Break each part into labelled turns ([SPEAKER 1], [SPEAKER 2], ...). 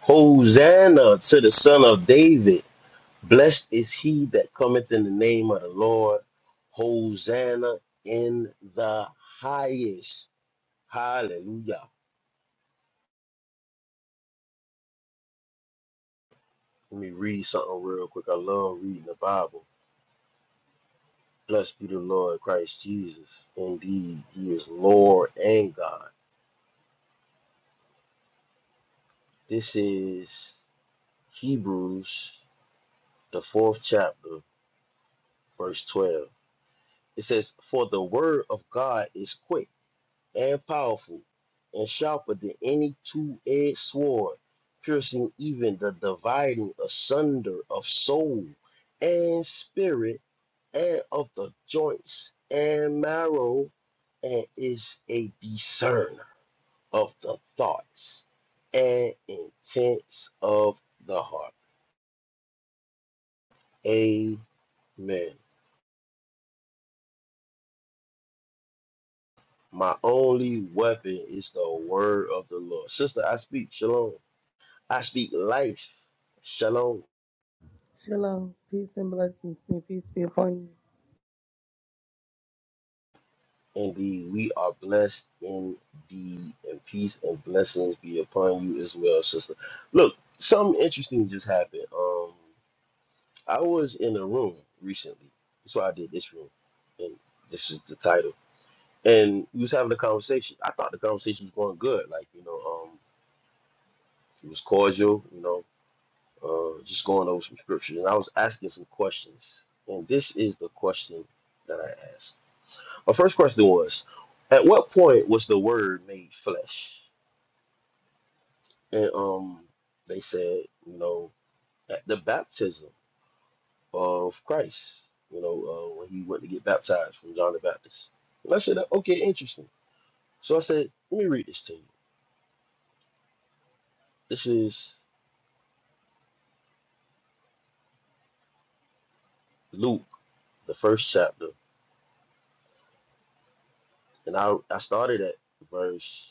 [SPEAKER 1] Hosanna to the Son of David. Blessed is he that cometh in the name of the Lord. Hosanna in the highest. Hallelujah. Let me read something real quick. I love reading the Bible. Blessed be the Lord Christ Jesus. Indeed, he is Lord and God. This is Hebrews, the fourth chapter, verse 12. It says, For the word of God is quick and powerful, and sharper than any two-edged sword, piercing even the dividing asunder of soul and spirit, and of the joints and marrow, and is a discerner of the thoughts and intents of the heart. Amen. My only weapon is the word of the Lord. Sister, I speak shalom. I speak life. Shalom.
[SPEAKER 2] Shalom. Peace and blessings. May peace be upon you.
[SPEAKER 1] Indeed, we are blessed indeed, and peace and blessings be upon you as well, sister. Look, something interesting just happened. Um, I was in a room recently. That's why I did this room, and this is the title. And we was having a conversation. I thought the conversation was going good. Like you know, um, it was cordial. You know, uh, just going over some scripture, and I was asking some questions. And this is the question that I asked. My first question was, at what point was the word made flesh? And um, they said, you know, at the baptism of Christ, you know, uh, when he went to get baptized from John the Baptist. And I said, okay, interesting. So I said, let me read this to you. This is Luke, the first chapter, and I I started at verse.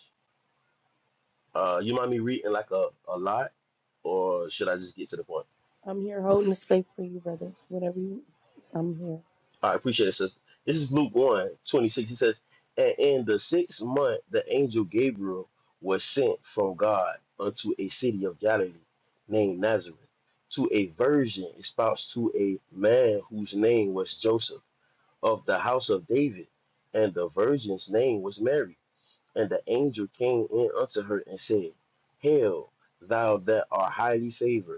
[SPEAKER 1] Uh, you mind me reading like a, a lot, or should I just get to the point?
[SPEAKER 2] I'm here holding the space for you, brother. Whatever you, I'm here.
[SPEAKER 1] I appreciate it, sister. This is Luke one 26. He says, And in the sixth month, the angel Gabriel was sent from God unto a city of Galilee named Nazareth to a virgin espoused to a man whose name was Joseph of the house of David. And the virgin's name was Mary. And the angel came in unto her and said, Hail, thou that art highly favored.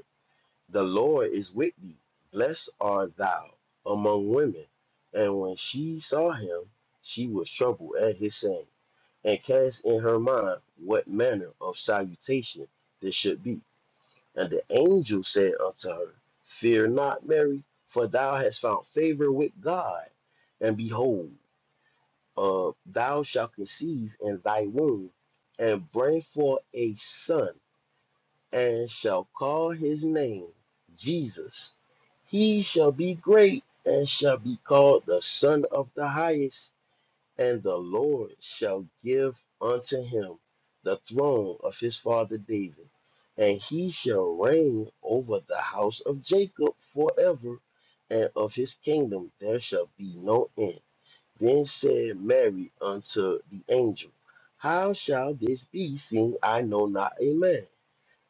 [SPEAKER 1] The Lord is with thee. Blessed art thou among women. And when she saw him, she was troubled at his saying, and cast in her mind what manner of salutation this should be. And the angel said unto her, Fear not, Mary, for thou hast found favor with God. And behold, uh, thou shalt conceive in thy womb, and bring forth a son, and shall call his name Jesus. He shall be great and shall be called the Son of the Highest, and the Lord shall give unto him the throne of his father David, and he shall reign over the house of Jacob forever, and of his kingdom there shall be no end. Then said Mary unto the angel, How shall this be, seeing I know not a man?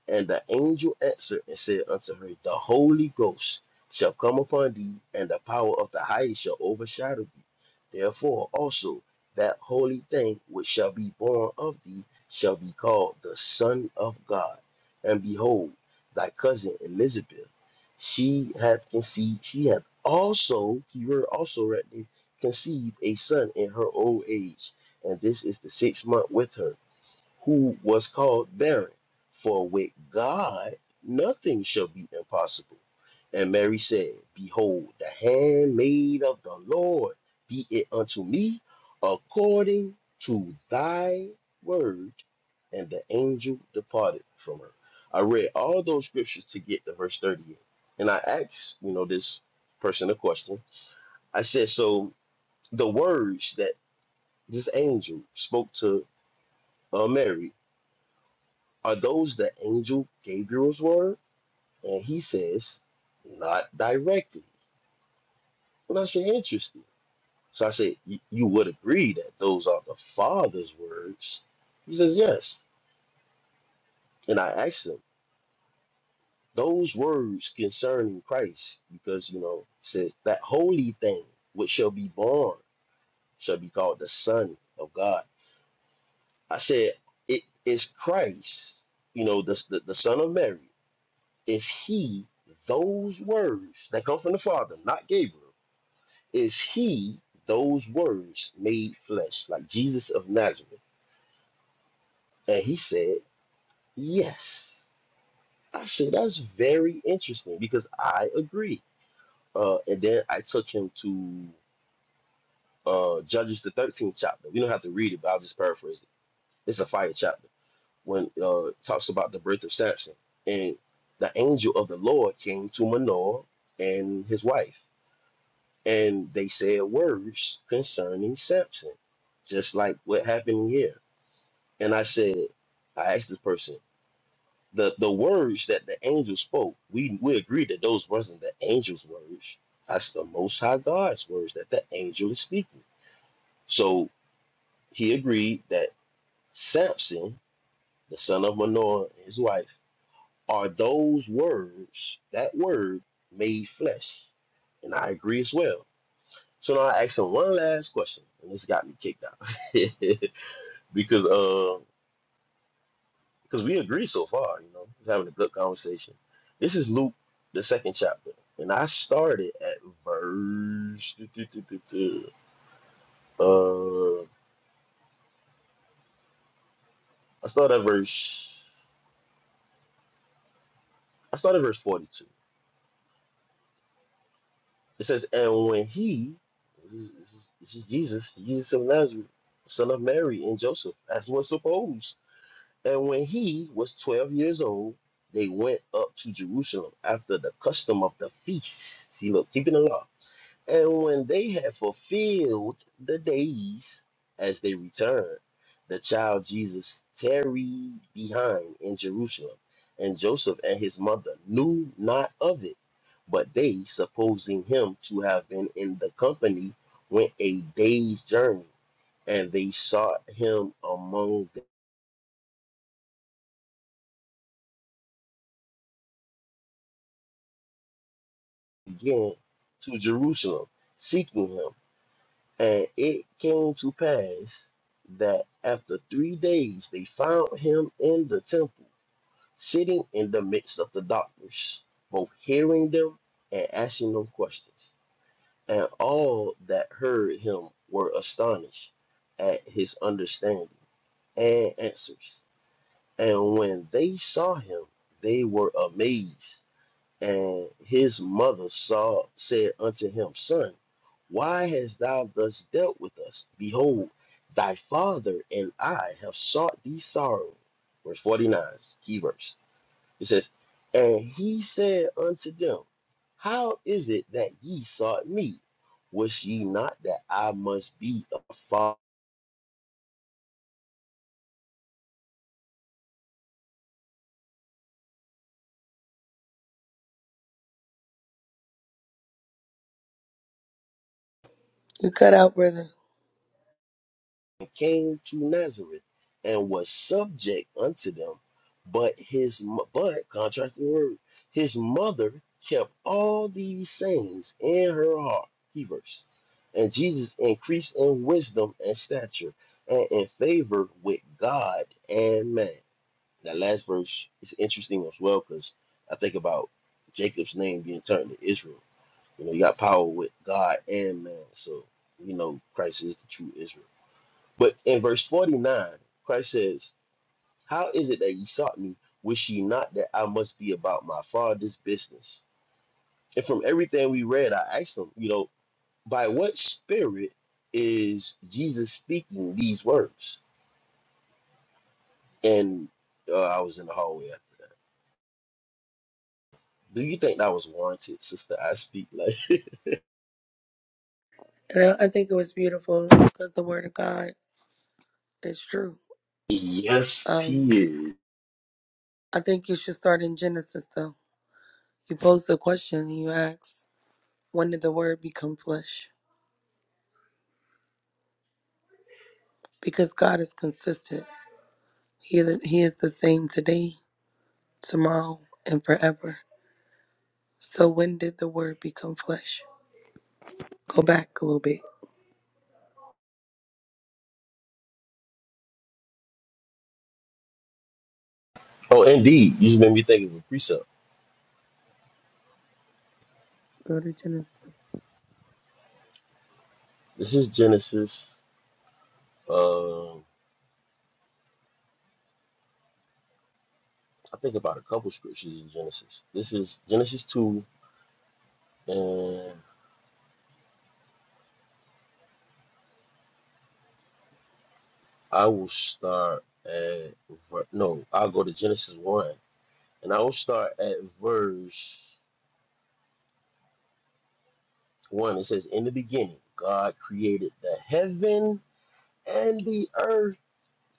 [SPEAKER 1] And the angel answered and said unto her, The Holy Ghost shall come upon thee, and the power of the highest shall overshadow thee. Therefore also that holy thing which shall be born of thee shall be called the Son of God. And behold, thy cousin Elizabeth, she hath conceived, she hath also, keyword also right there, conceived a son in her old age. And this is the sixth month with her who was called barren. For with God nothing shall be impossible. And Mary said, Behold, the handmaid of the Lord, be it unto me according to thy word. And the angel departed from her. I read all those scriptures to get to verse 38. And I asked, you know, this person a question. I said, So the words that this angel spoke to uh, Mary Are those the angel Gabriel's word? And he says, not directly. And I said, interesting. So I said, "Y- you would agree that those are the Father's words? He says, yes. And I asked him, those words concerning Christ, because, you know, it says that holy thing which shall be born shall be called the Son of God. I said, it is Christ, you know, the, the, the Son of Mary. Is he those words that come from the Father, not Gabriel? Is he those words made flesh, like Jesus of Nazareth? And he said, Yes. I said, That's very interesting because I agree. Uh, and then I took him to uh, Judges, the 13th chapter. We don't have to read it, but I'll just paraphrase it. It's a fire chapter when uh, it talks about the birth of Samson. And the angel of the Lord came to Manoah and his wife. and they said words concerning Samson, just like what happened here. And I said, I asked this person, the, the words that the angel spoke, we, we agreed that those wasn't the angel's words. That's the Most High God's words that the angel is speaking. So he agreed that Samson, the son of Manoah, and his wife, are those words, that word made flesh. And I agree as well So now I asked him one last question, and this got me kicked out because uh, because we agree so far, you know, we're having a good conversation. This is Luke, the second chapter, and I started at verse. Uh, I started at verse. I started at verse forty-two. It says, "And when he, this is, this is this is Jesus, Jesus of Nazareth, son of Mary and Joseph, as was supposed." And when he was twelve years old, they went up to Jerusalem after the custom of the feast. See, look, keeping the law. And when they had fulfilled the days as they returned, the child Jesus tarried behind in Jerusalem, and Joseph and his mother knew not of it. But they, supposing him to have been in the company, went a day's journey, and they sought him among them. again to Jerusalem, seeking him. And it came to pass that after three days they found him in the temple, sitting in the midst of the doctors, both hearing them and asking them questions. And all that heard him were astonished at his understanding and answers. And when they saw him, they were amazed and his mother saw said unto him, Son, why hast thou thus dealt with us? Behold, thy father and I have sought thee sorrow. Verse 49, key verse. It says, And he said unto them, How is it that ye sought me? Was ye not that I must be a father?
[SPEAKER 2] You cut out, brother.
[SPEAKER 1] and came to Nazareth and was subject unto them. But his mo- but contrast the word, his mother kept all these sayings in her heart. Key verse. And Jesus increased in wisdom and stature and in favor with God and man. That last verse is interesting as well because I think about Jacob's name being turned to Israel. You know, you got power with God and man. So, you know, Christ is the true Israel. But in verse 49, Christ says, How is it that ye sought me? Wish ye not that I must be about my father's business? And from everything we read, I asked him, you know, by what spirit is Jesus speaking these words? And uh, I was in the hallway after that. Do you think that was warranted, sister? I speak like,
[SPEAKER 2] And I, I think it was beautiful because the word of God is true.
[SPEAKER 1] yes,
[SPEAKER 2] Um,
[SPEAKER 1] he is.
[SPEAKER 2] I think you should start in Genesis, though. You pose the question and you ask, when did the word become flesh? Because God is consistent. He, he is the same today, tomorrow, and forever. So when did the word become flesh? Go back a little bit.
[SPEAKER 1] Oh, indeed. You just made me think of a precept.
[SPEAKER 2] Go to Genesis.
[SPEAKER 1] This is Genesis. um, I think about a couple scriptures in Genesis. This is Genesis 2, and I will start at, ver- no, I'll go to Genesis 1, and I will start at verse 1. It says, In the beginning, God created the heaven and the earth,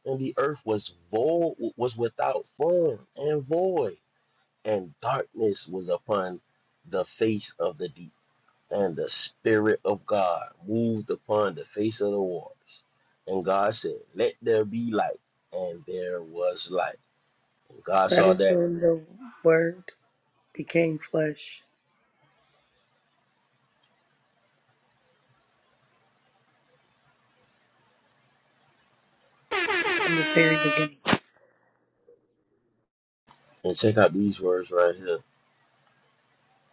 [SPEAKER 1] and the earth was void, was without form and void, and darkness was upon the face of the deep and the Spirit of God moved upon the face of the waters. And God said, Let there be light. And there was light. And God
[SPEAKER 2] That
[SPEAKER 1] saw
[SPEAKER 2] is
[SPEAKER 1] that.
[SPEAKER 2] when the word became flesh in the very beginning.
[SPEAKER 1] And check out these words right here.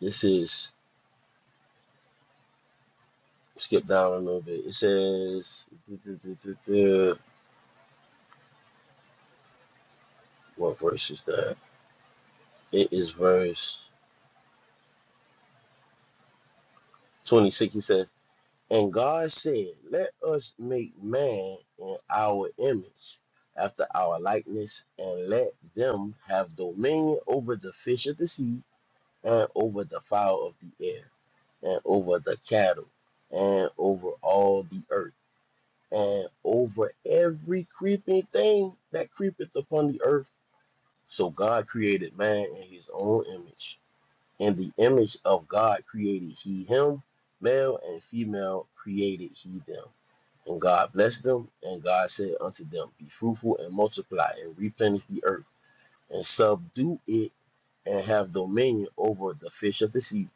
[SPEAKER 1] This is, skip down a little bit. It says, duh, duh, duh, duh, duh. what verse is that? It is verse 26. He says, And God said, Let us make man in our image, after our likeness, and let them have dominion over the fish of the sea, and over the fowl of the air, and over the cattle, and over all the earth, and over every creeping thing that creepeth upon the earth. So God created man in his own image. In the image of God created he him, male and female created he them and God blessed them, and God said unto them, Be fruitful and multiply, and replenish the earth, and subdue it, and have dominion over the fish of the sea,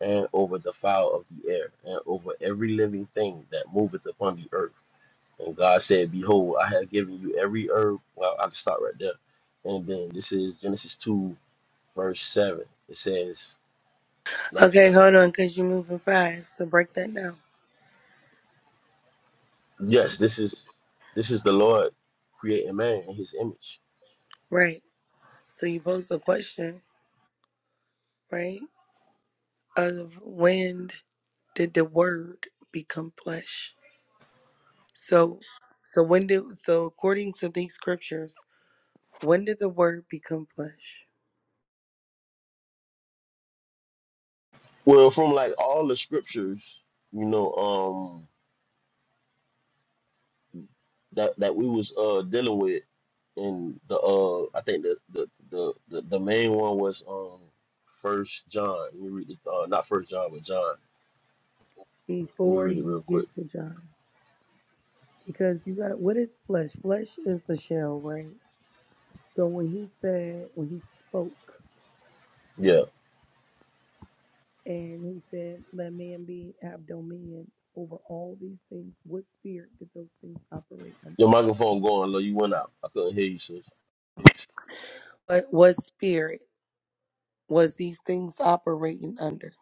[SPEAKER 1] and over the fowl of the air, and over every living thing that moveth upon the earth. And God said, Behold, I have given you every herb. Well, I'll start right there. And then this is Genesis 2, verse 7. It says, now-
[SPEAKER 2] Okay, hold on, because you're moving fast. So break that down.
[SPEAKER 1] Yes, this is this is the Lord creating man in his image
[SPEAKER 2] Right. So you posed a question, right? Of when did the word become flesh? So so when did so according to these scriptures, when did the word become flesh?
[SPEAKER 1] Well, from like all the scriptures, you know, um, that that we was uh dealing with, and the uh, I think the the the the, the main one was um, First John. Let me read it. Uh, not First John, but John. Let me
[SPEAKER 2] Before
[SPEAKER 1] read it
[SPEAKER 2] you
[SPEAKER 1] real quick.
[SPEAKER 2] get to John. Because you got what is flesh? Flesh is the shell, right? So when he said when he spoke
[SPEAKER 1] Yeah,
[SPEAKER 2] And he said, Let man be have dominion over all these things. What spirit did those things operate under?
[SPEAKER 1] your microphone going low. You went out. I couldn't hear you, sis.
[SPEAKER 2] What what spirit was these things operating under?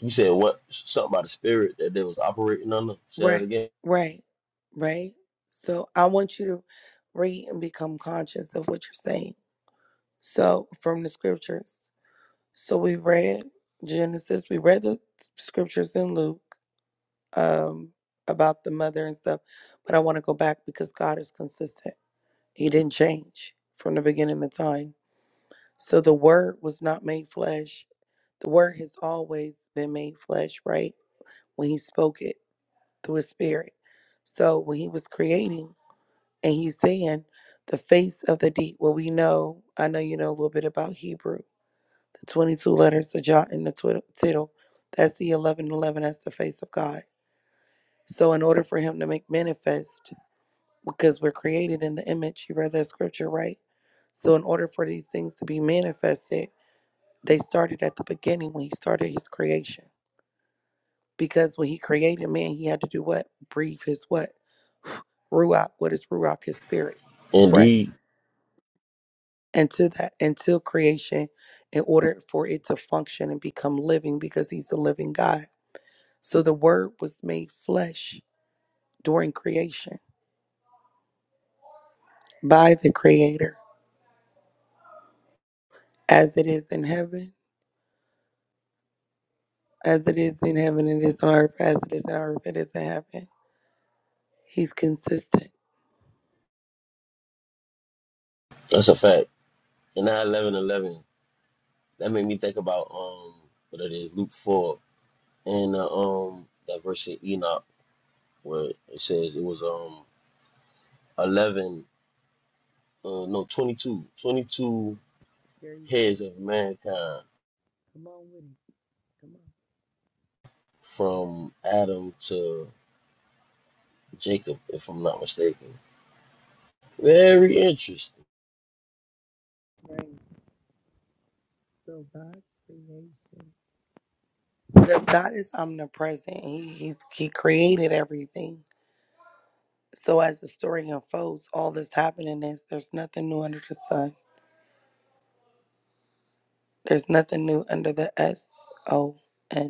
[SPEAKER 1] You said what? Something about the spirit that they was operating under. Say that
[SPEAKER 2] Right,
[SPEAKER 1] again.
[SPEAKER 2] right, right. So I want you to read and become conscious of what you're saying. So from the scriptures. So we read Genesis, we read the scriptures in Luke, um, about the mother and stuff, but I want to go back because God is consistent. He didn't change from the beginning of time. So the word was not made flesh. The word has always been made flesh, right? When he spoke it through his spirit. So when he was creating and he's saying the face of the deep, well, we know, I know you know a little bit about Hebrew, the 22 letters, the jot and the twid- tittle. That's the 1111. That's the face of God. So in order for him to make manifest, because we're created in the image. You read that scripture, right? So, in order for these things to be manifested, they started at the beginning when he started his creation. Because when he created man, he had to do what? Breathe his what? Ruach. What is Ruach? His spirit, his breath.
[SPEAKER 1] Indeed,
[SPEAKER 2] And to that, until creation, in order for it to function and become living, because he's a living God. So, the word was made flesh during creation by the creator, as it is in heaven As it is in heaven, it is on earth. As it is in earth, it is in heaven. He's consistent.
[SPEAKER 1] that's a fact. And now eleven eleven. That made me think about um, what it is, Luke four. in uh, um that verse in Enoch where it says it was um eleven uh no 22 22
[SPEAKER 2] There you go.
[SPEAKER 1] heads of mankind
[SPEAKER 2] Come on with it. Come
[SPEAKER 1] from Adam to Jacob if I'm not mistaken. Very interesting
[SPEAKER 2] on. Right. So God's creation. The- God is omnipresent. He, he he created everything. So as the story unfolds, all that's happening is there's nothing new under the sun. There's nothing new under the S O N.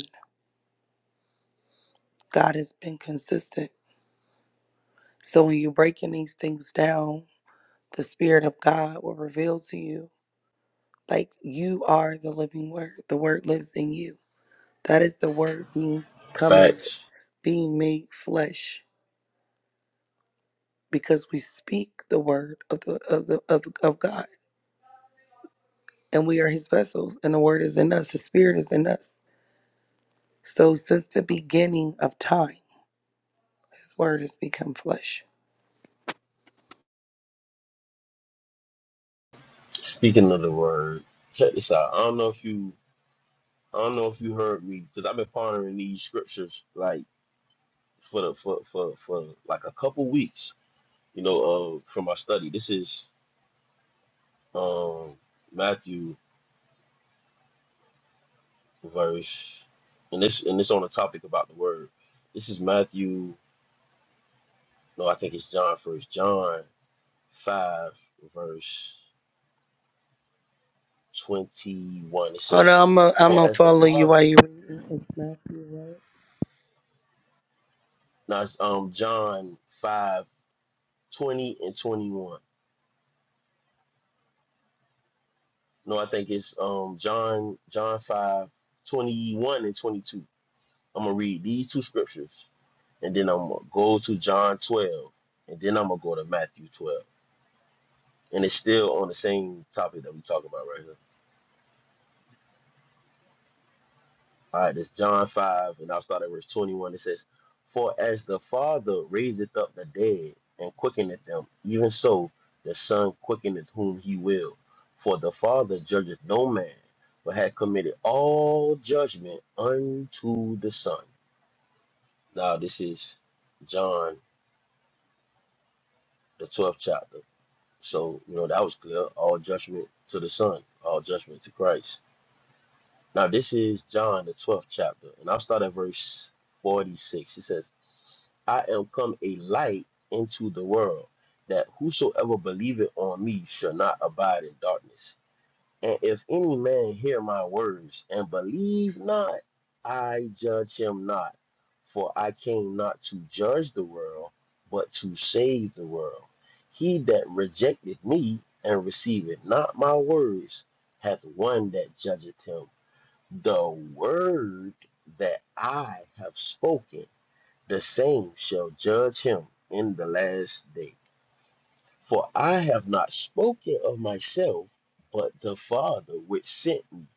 [SPEAKER 2] God has been consistent. So when you're breaking these things down, the Spirit of God will reveal to you Like you are the living word. The word lives in you. That is the word being coming,
[SPEAKER 1] facts.
[SPEAKER 2] being made flesh, because we speak the word of the of the of, of God. And we are his vessels, and the word is in us, the spirit is in us. So since the beginning of time, his word has become flesh.
[SPEAKER 1] Speaking of the word, check this out. I don't know if you I don't know if you heard me because I've been pondering these scriptures like for the for for for like a couple weeks. You know, uh, from my study. This is um Matthew verse, and this and this on the topic about the word. This is Matthew. No, I think it's John first. John five verse twenty one. It
[SPEAKER 2] Hold
[SPEAKER 1] says,
[SPEAKER 2] on, I'm gonna I'm
[SPEAKER 1] "For
[SPEAKER 2] gonna
[SPEAKER 1] as the
[SPEAKER 2] follow you
[SPEAKER 1] Father."
[SPEAKER 2] while you reading. It's Matthew, right?
[SPEAKER 1] Now, it's, um, John five twenty and twenty one. No, I think it's um John John five twenty one and twenty two. I'm gonna read these two scriptures, and then I'm gonna go to John twelve, and then I'm gonna go to Matthew twelve, and it's still on the same topic that we talking about right here. All right, this John 5, and I'll start at verse 21. It says, For as the Father raiseth up the dead and quickeneth them, even so the Son quickeneth whom he will. For the Father judgeth no man, but hath committed all judgment unto the Son. Now, this is John, the 12th chapter. So, you know, that was clear. All judgment to the Son, all judgment to Christ. Now, this is John, the 12th chapter, and I'll start at verse 46. It says, I am come a light into the world, that whosoever believeth on me shall not abide in darkness. And if any man hear my words and believe not, I judge him not. For I came not to judge the world, but to save the world. He that rejected me and receiveth not my words hath one that judgeth him. The word that I have spoken the saints shall judge him in the last day. For I have not spoken of myself, but the Father which sent me.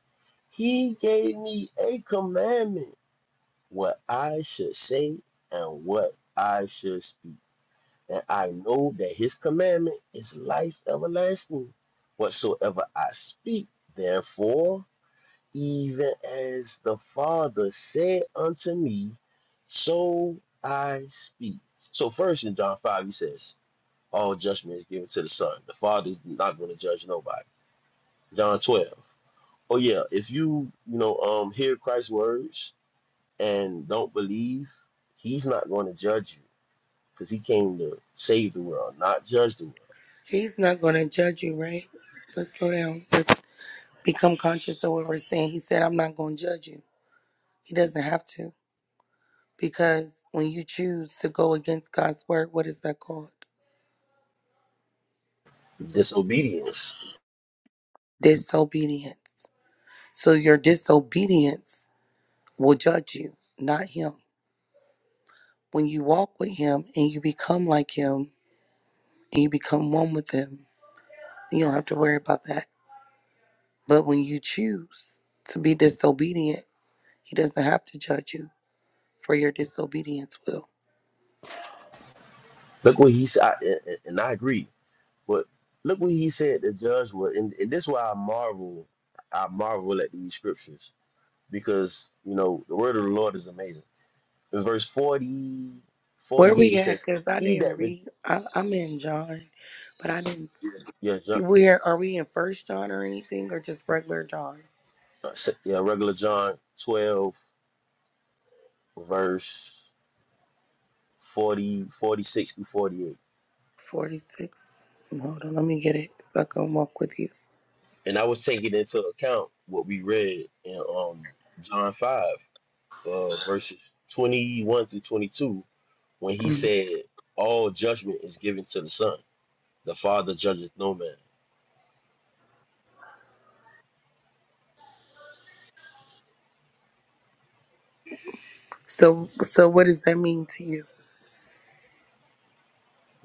[SPEAKER 1] He gave me a commandment what I should say and what I should speak. And I know that his commandment is life everlasting. Whatsoever I speak, therefore, even as the Father said unto me, so I speak. So first in John 5, he says, all judgment is given to the Son. The Father is not going to judge nobody. John 12. Oh yeah, if you, you know, um hear Christ's words and don't believe, he's not going to judge you because he came to save the world, not judge the world.
[SPEAKER 2] He's not gonna judge you, right? Let's slow down. Let's become conscious of what we're saying. He said, I'm not gonna judge you. He doesn't have to. Because when you choose to go against God's word, what is that called?
[SPEAKER 1] Disobedience.
[SPEAKER 2] Disobedience. So your disobedience will judge you, not Him. When you walk with Him and you become like Him and you become one with Him, you don't have to worry about that. But when you choose to be disobedient, He doesn't have to judge you for your disobedience, Will.
[SPEAKER 1] Look what he said, I- and and- and I agree But look what he said the judge would, and, and this is why I marvel, I marvel at these scriptures because you know the word of the Lord is amazing. In verse 40 forty
[SPEAKER 2] Where
[SPEAKER 1] eight,
[SPEAKER 2] we
[SPEAKER 1] he
[SPEAKER 2] at?
[SPEAKER 1] says,
[SPEAKER 2] Because I
[SPEAKER 1] "He
[SPEAKER 2] didn't
[SPEAKER 1] that re-
[SPEAKER 2] read. I, I'm in John, but I didn't.
[SPEAKER 1] yeah, John,
[SPEAKER 2] Where are we in First John or anything, or just regular John?
[SPEAKER 1] uh, s- yeah, regular John twelve verse forty forty six 46 through forty eight,
[SPEAKER 2] 46. Hold on, let me get it so I can walk with you.
[SPEAKER 1] and I was taking into account what we read in um John five, uh, verses twenty one through twenty two, when he
[SPEAKER 2] Mhm.
[SPEAKER 1] said, "All judgment is given to the Son." The Father judgeth no man.
[SPEAKER 2] So, so what does that mean to you?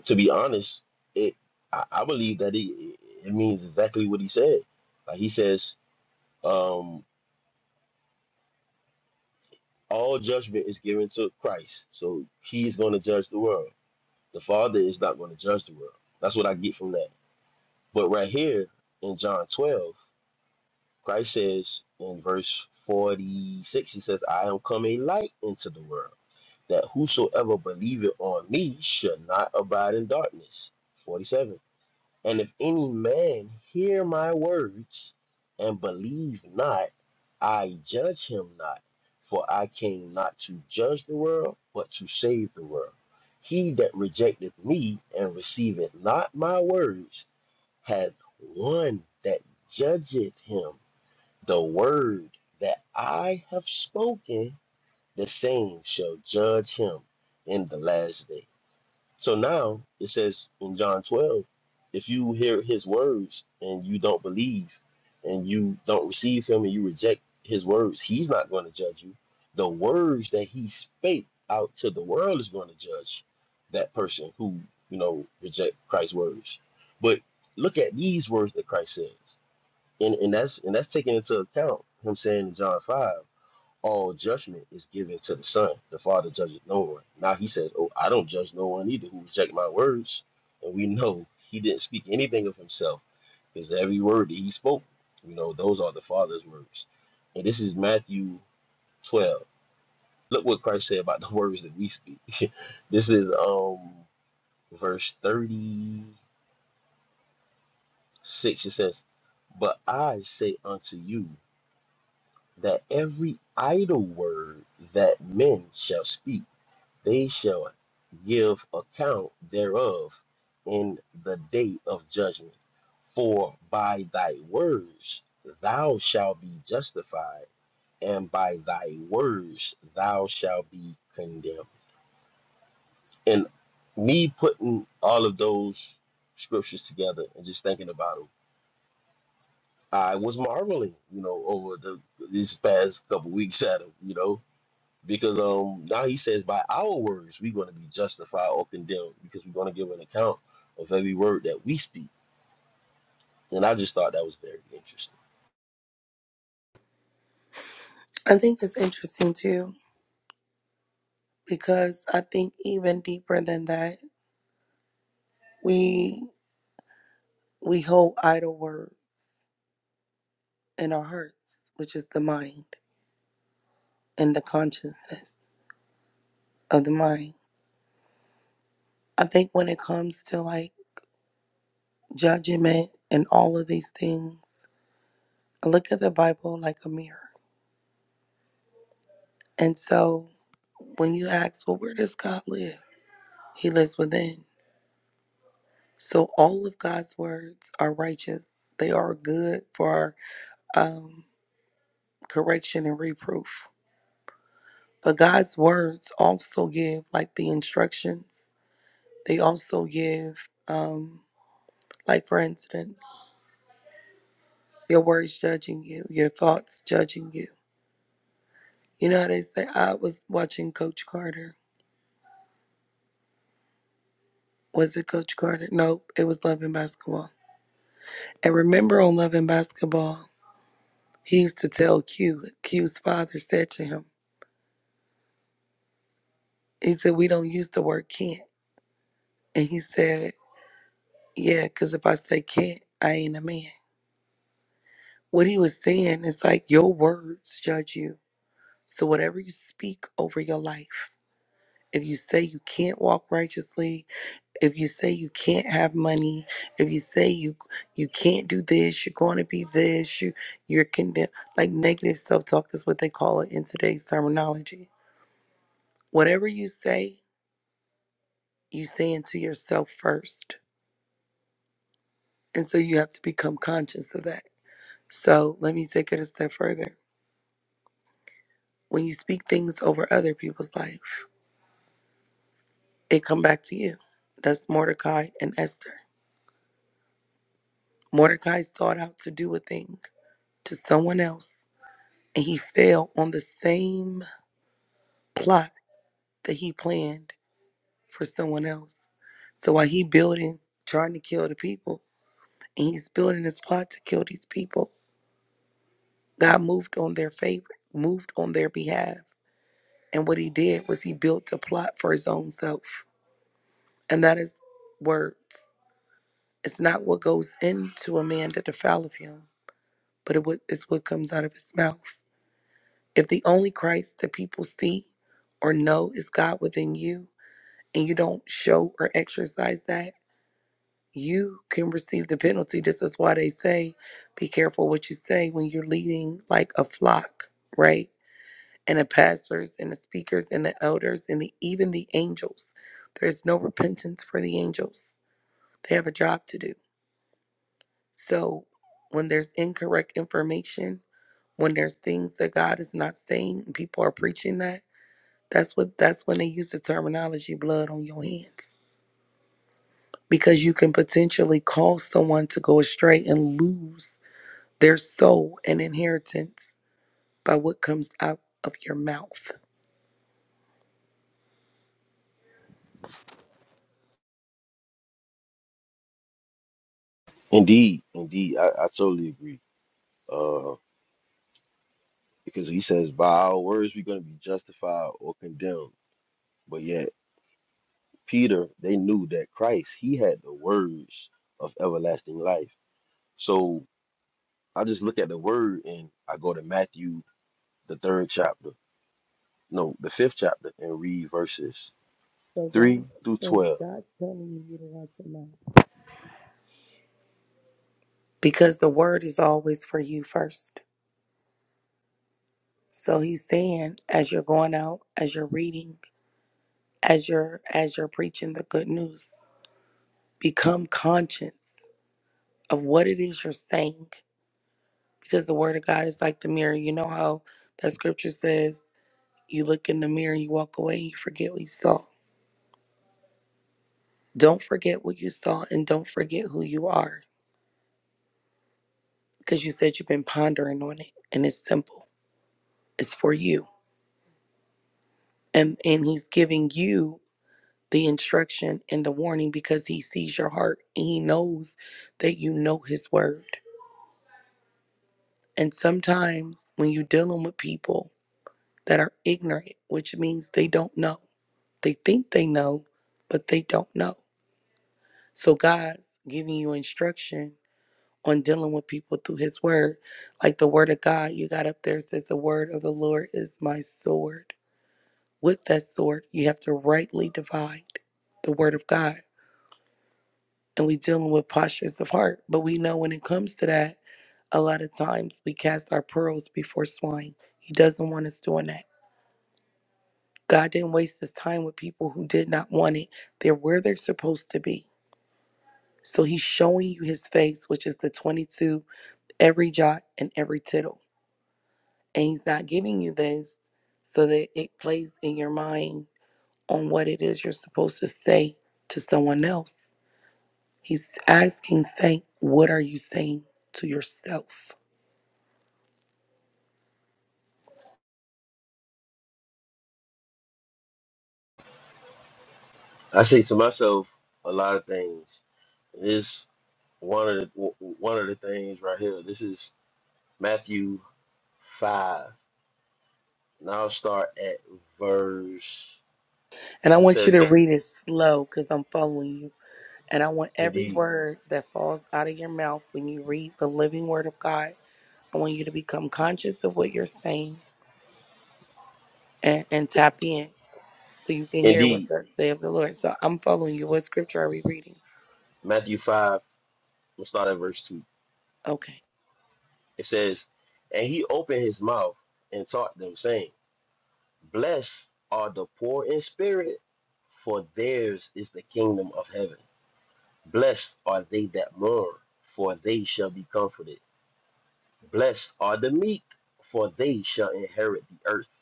[SPEAKER 1] To be honest, it I, I believe that it, it means exactly what he said. Like he says, um, all judgment is given to Christ, so he's going to judge the world. The Father is not going to judge the world. That's what I get from that. But right here in John 12, Christ says in verse 46, he says, I am come a light into the world, that whosoever believeth on me shall not abide in darkness. 47. And if any man hear my words and believe not, I judge him not. For I came not to judge the world, but to save the world. He that rejecteth me and receiveth not my words hath one that judgeth him. The word that I have spoken, the same shall judge him in the last day. So now it says in John 12, if you hear his words and you don't believe and you don't receive him and you reject his words, he's not going to judge you. The words that he spake out to the world is going to judge that person who, you know, reject Christ's words. But look at these words that Christ says. And and that's and that's taken into account him saying in John 5 all judgment is given to the Son. The Father judges no one. Now he says, Oh, I don't judge no one either who reject my words. And we know he didn't speak anything of himself because every word that he spoke, you know, those are the Father's words. And this is Matthew 12. Look what Christ said about the words that we speak. this is um verse 36. It says, But I say unto you that every idle word that men shall speak They shall give account thereof in the day of judgment. For by thy words thou shalt be justified, and by thy words thou shalt be condemned. And me putting all of those scriptures together and just thinking about them, I was marveling, you know, over the these past couple weeks at them, you know, Because um now he says by our words we're going to be justified or condemned because we're going to give an account of every word that we speak. And I just thought that was very interesting.
[SPEAKER 2] I think it's interesting too because I think even deeper than that, we we hold idle words in our hearts, which is the mind and the consciousness of the mind. I think when it comes to like judgment and all of these things, I look at the Bible like a mirror. And so when you ask, well, where does God live? He lives within. So all of God's words are righteous. They are good for um, correction and reproof. But God's words also give like the instructions. They also give um, like for instance, your words judging you, your thoughts judging you. You know how they say I was watching Coach Carter. Was it Coach Carter? Nope, it was Love and Basketball. And remember on Love and Basketball, he used to tell Q, Q's father said to him. He said, We don't use the word can't. And he said, Yeah, because if I say can't, I ain't a man. What he was saying is like, Your words judge you. So whatever you speak over your life, if you say you can't walk righteously, if you say you can't have money, if you say you you can't do this, you're going to be this, you you're condemned. Like negative self-talk is what they call it in today's terminology. Whatever you say, you saying to yourself first. And so you have to become conscious of that. So let me take it a step further. When you speak things over other people's life, it come back to you. That's Mordecai and Esther. Mordecai sought out to do a thing to someone else, and he fell on the same plot that he planned for someone else. So while he building, trying to kill the people, and he's building this plot to kill these people, God moved on their favor, moved on their behalf. And what he did was he built a plot for his own self. And that is words. It's not what goes into a man that defileth him, but it's what comes out of his mouth. If the only Christ that people see or know is God within you, and you don't show or exercise that, you can receive the penalty. This is why they say, be careful what you say when you're leading like a flock, right? And the pastors and the speakers and the elders and the, even the angels. There is no repentance for the angels. They have a job to do So when there's incorrect information, when there's things that God is not saying, and people are preaching that, that's what that's when they use the terminology blood on your hands. Because you can potentially cause someone to go astray and lose their soul and inheritance by what comes out of your mouth.
[SPEAKER 1] Indeed, indeed, I, I totally agree. Uh, because he says, by our words, we're going to be justified or condemned. But yet, Peter, they knew that Christ, he had the words of everlasting life. So I just look at the word and I go to Matthew, the third chapter, no, the fifth chapter, and read verses
[SPEAKER 2] So God
[SPEAKER 1] 3 through
[SPEAKER 2] saying
[SPEAKER 1] 12.
[SPEAKER 2] God's telling you to watch your mouth. Because the word is always for you first. So he's saying as you're going out, as you're reading, as you're as you're preaching the good news become conscious of what it is you're saying because the word of god is like the mirror you know how that scripture says you look in the mirror you walk away and you forget what you saw don't forget what you saw and don't forget who you are because you said you've been pondering on it and it's simple it's for you and and he's giving you the instruction and the warning because he sees your heart and he knows that you know his word And sometimes when you're dealing with people that are ignorant, which means they don't know, they think they know, but they don't know. So God's giving you instruction on dealing with people through His Word. Like the Word of God, you got up there, it says, The Word of the Lord is my sword. With that sword, you have to rightly divide the Word of God. And we dealing with postures of heart. But we know when it comes to that, a lot of times we cast our pearls before swine. He doesn't want us doing that. God didn't waste his time with people who did not want it. They're where they're supposed to be. So he's showing you his face, which is the 22, every jot and every tittle. And he's not giving you this so that it plays in your mind on what it is you're supposed to say to someone else. He's asking, saying, What are you saying to yourself?
[SPEAKER 1] I say to myself a lot of things. This one of the w- w- one of the things right here. This is Matthew five. And I'll start at verse
[SPEAKER 2] And I
[SPEAKER 1] two. It
[SPEAKER 2] want you to
[SPEAKER 1] says,
[SPEAKER 2] read it slow because I'm following you. And I want every
[SPEAKER 1] "Indeed,
[SPEAKER 2] word that falls out of your mouth when you read the living word of God I want you to become conscious of what you're saying and, and tap in so you can hear what
[SPEAKER 1] indeed."
[SPEAKER 2] thus say of the Lord. So I'm following you. What scripture are we reading?
[SPEAKER 1] Matthew five. We'll start at verse two.
[SPEAKER 2] Okay.
[SPEAKER 1] It says, "And he opened his mouth and taught them, saying, Blessed are the poor in spirit, for theirs is the kingdom of heaven. Blessed are they that mourn, for they shall be comforted. Blessed are the meek, for they shall inherit the earth.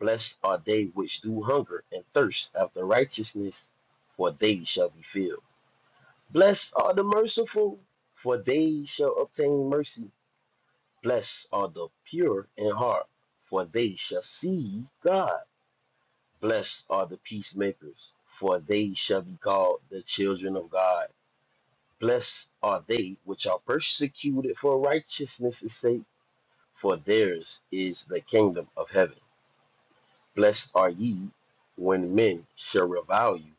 [SPEAKER 1] Blessed are they which do hunger and thirst after righteousness, for they shall be filled. Blessed are the merciful, for they shall obtain mercy. Blessed are the pure in heart, for they shall see God. Blessed are the peacemakers, for they shall be called the children of God. Blessed are they which are persecuted for righteousness' sake, for theirs is the kingdom of heaven. Blessed are ye when men shall revile you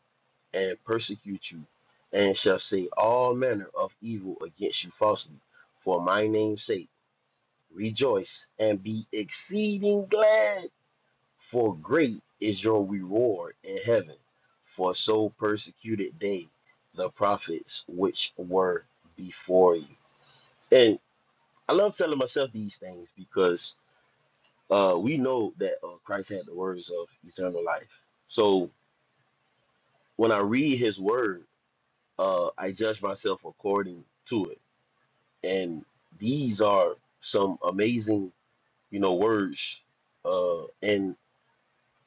[SPEAKER 1] and persecute you, and shall say all manner of evil against you falsely, for my name's sake. Rejoice and be exceeding glad, for great is your reward in heaven. For so persecuted they the prophets which were before you. and. I love telling myself these things because uh, we know that uh, Christ had the words of eternal life. So when I read His Word, uh, I judge myself according to it, and these are some amazing, you know, words. Uh, and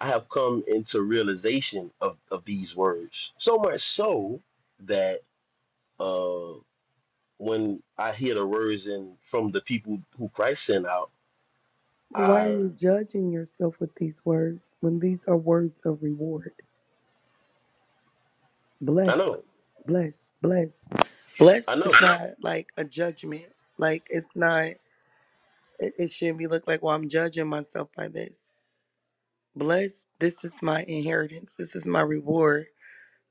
[SPEAKER 1] I have come into realization of of these words so much so that uh, when I hear the words and from the people who Christ sent out,
[SPEAKER 2] But why are
[SPEAKER 1] I
[SPEAKER 2] you judging yourself with these words when these are words of reward? Bless,
[SPEAKER 1] I know
[SPEAKER 2] bless, bless.
[SPEAKER 1] I
[SPEAKER 2] Blessed is
[SPEAKER 1] know.
[SPEAKER 2] not like a judgment. Like it's not, it, it shouldn't be looked like, well, I'm judging myself by this. Blessed, this is my inheritance. This is my reward.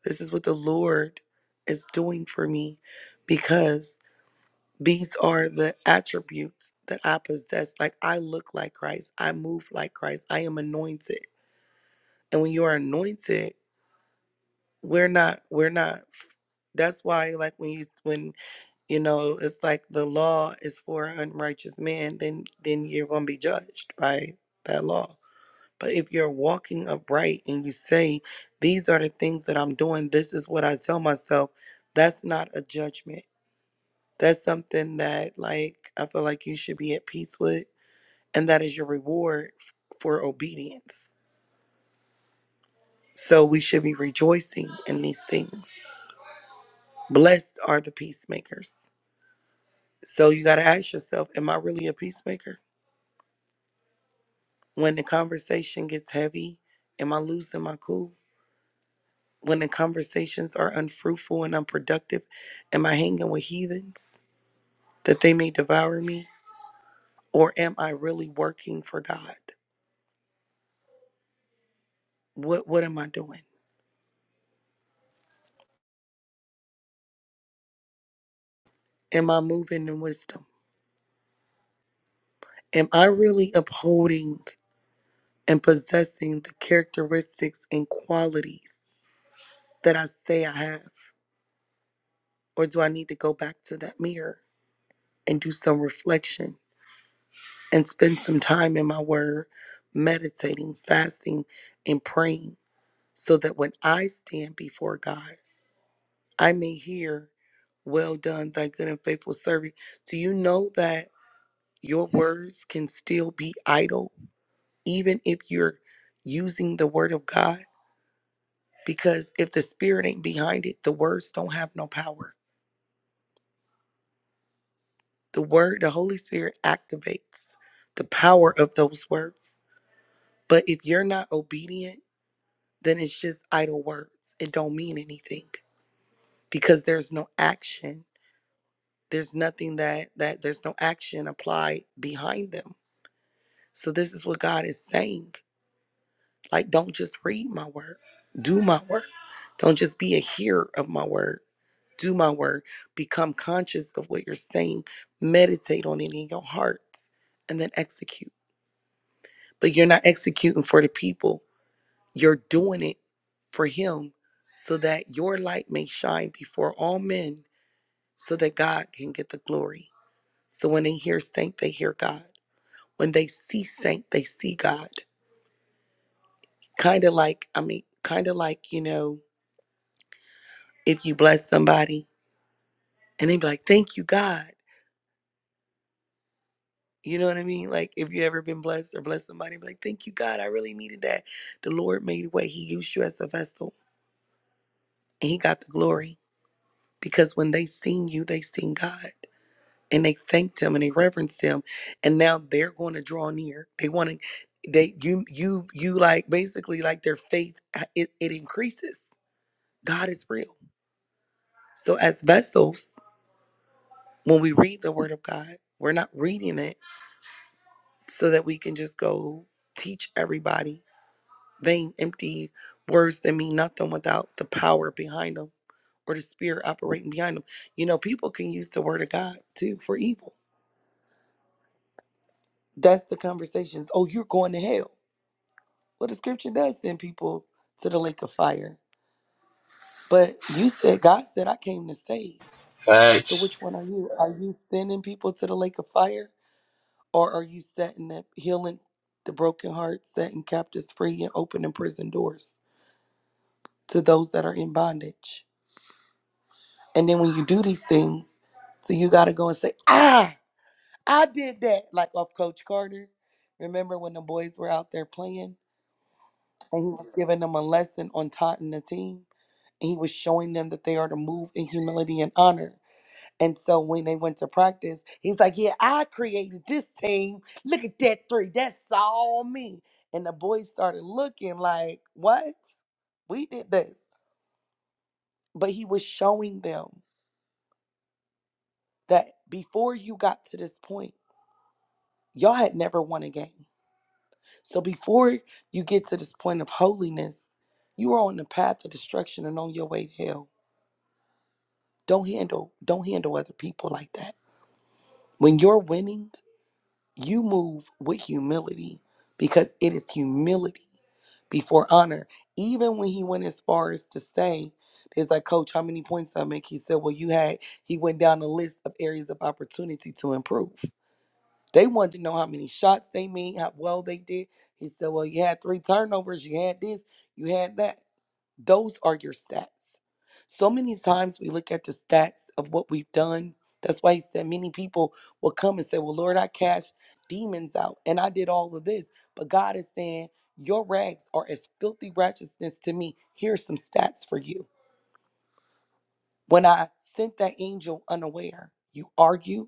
[SPEAKER 2] This is what the Lord is doing for me because These are the attributes that I possess. Like I look like Christ. I move like Christ. I am anointed. And when you are anointed, we're not, we're not. That's why, like when you when you know, it's like the law is for an unrighteous man, then then you're gonna be judged by that law. But if you're walking upright and you say, These are the things that I'm doing, this is what I tell myself, that's not a judgment That's something that like I feel like you should be at peace with and that is your reward for obedience. So we should be rejoicing in these things. Blessed are the peacemakers. So you got to ask yourself, am I really a peacemaker? When the conversation gets heavy, am I losing my cool? When the conversations are unfruitful and unproductive, am I hanging with heathens that they may devour me? Or am I really working for God? What what am I doing? Am I moving in wisdom? Am I really upholding and possessing the characteristics and qualities that I say I have? Or do I need to go back to that mirror and do some reflection and spend some time in my word, meditating, fasting, and praying so that when I stand before God, I may hear, Well done, thy good and faithful servant. Do you know that your words can still be idle? even if you're using the word of God, because if the spirit ain't behind it, the words don't have no power. The word, the Holy Spirit activates the power of those words. But if you're not obedient, then it's just idle words. It don't mean anything because there's no action. There's nothing that that there's no action applied behind them. So this is what God is saying. Like, don't just read my word, do my word. Don't just be a hearer of my word, do my word. Become conscious of what you're saying, meditate on it in your heart, and then execute. But you're not executing for the people, you're doing it for Him so that your light may shine before all men, so that God can get the glory. So when they hear saint, they hear God. When they see saint, they see God. Kind of like, I mean, kind of like, you know, if you bless somebody and they be like, thank you, God. You know what I mean? Like, if you ever been blessed or blessed somebody, be like, thank you, God. I really needed that. The Lord made a way. He used you as a vessel and He got the glory because when they seen you, they seen God and they thanked Him and they reverenced Him. And now they're going to draw near. They want to, they, you, you, you like basically like their faith, uh, it, it increases. God is real. So, as vessels, when we read the Word of God, we're not reading it so that we can just go teach everybody vain, empty words that mean nothing without the power behind them or the spirit operating behind them. You know, people can use the word of God too for evil. That's the conversations. Oh, you're going to hell. Well, the scripture does send people to the lake of fire. But you said, God said, I came to save. So
[SPEAKER 1] Facts.
[SPEAKER 2] which one are you? Are you sending people to the lake of fire or are you setting up, healing the broken hearts, setting captives free, and opening prison doors? to those that are in bondage. And then when you do these things, so you got to go and say, ah, I did that. Like off Coach Carter. Remember when the boys were out there playing and he was giving them a lesson on taunting the team? And he was showing them that they are to move in humility and honor. And so when they went to practice, he's like, Yeah, I created this team. Look at that three. That's all me. And the boys started looking like, What? We did this. But he was showing them. that before you got to this point, y'all had never won a game. So before you get to this point of holiness, you are on the path of destruction and on your way to hell. Don't handle don't handle other people like that. When you're winning, you move with humility because it is humility before honor. Even when he went as far as to say, "There's like, coach, how many points I make?" He said, "Well, you had." He went down the list of areas of opportunity to improve. They wanted to know how many shots they made, how well they did. He said, Well, you had three turnovers, you had this, you had that. Those are your stats. So many times we look at the stats of what we've done. That's why he said many people will come and say, Well, Lord, I cast demons out and I did all of this. But God is saying, Your rags are as filthy righteousness to me. Here's some stats for you. When I sent that angel unaware, you argued,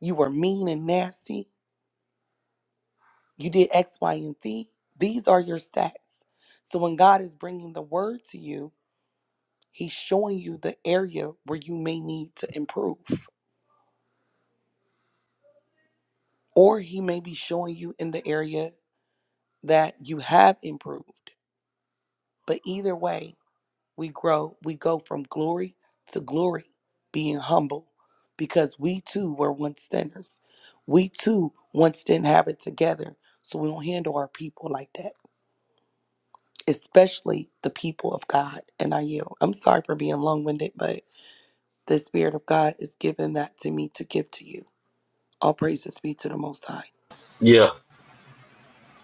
[SPEAKER 2] you were mean and nasty, You did X, Y, and Z. These are your stats. So when God is bringing the word to you, He's showing you the area where you may need to improve, or He may be showing you in the area that you have improved. But either way, we grow, we go from glory to glory, being humble, because we too were once sinners. We too once didn't have it together. So we don't handle our people like that. especially the people of God. And I yield. I'm sorry for being long winded, but the Spirit of God is giving that to me to give to you. All praises be to the Most High.
[SPEAKER 1] Yeah.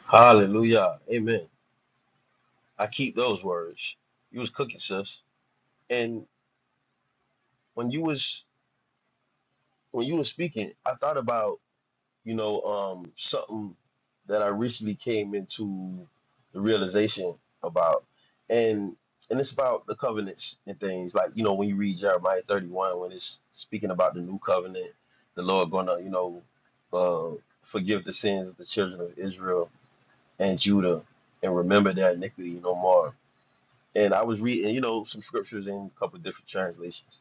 [SPEAKER 1] Hallelujah. Amen. I keep those words. You was cooking, sis. And when you was when you was speaking, I thought about, you know, um something that I recently came into the realization about. And and it's about the covenants and things. Like, you know, when you read Jeremiah 31, when it's speaking about the new covenant, the Lord gonna, you know, uh forgive the sins of the children of Israel and Judah and remember their iniquity no more. And I was reading, you know, some scriptures in a couple different translations.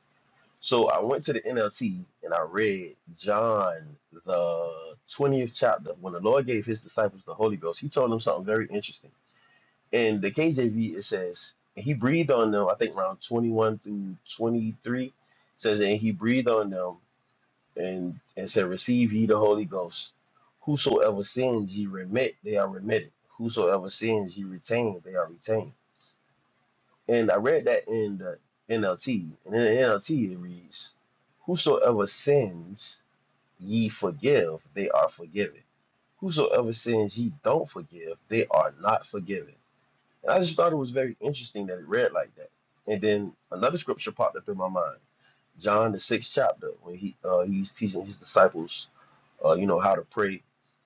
[SPEAKER 1] So I went to the NLT and I read John, the 20th chapter. When the Lord gave his disciples the Holy Ghost, he told them something very interesting. In the KJV, it says, and he breathed on them, I think around 21 through 23, says, and he breathed on them and and said, Receive ye the Holy Ghost. Whosoever sins ye remit, they are remitted. Whosoever sins ye retain, they are retained. And I read that in the NLT. And in the NLT it reads, Whosoever sins ye forgive, they are forgiven. Whosoever sins ye don't forgive, they are not forgiven. And I just thought it was very interesting that it read like that. And then another scripture popped up in my mind. John the sixth chapter, when he uh, he's teaching his disciples uh, you know, how to pray,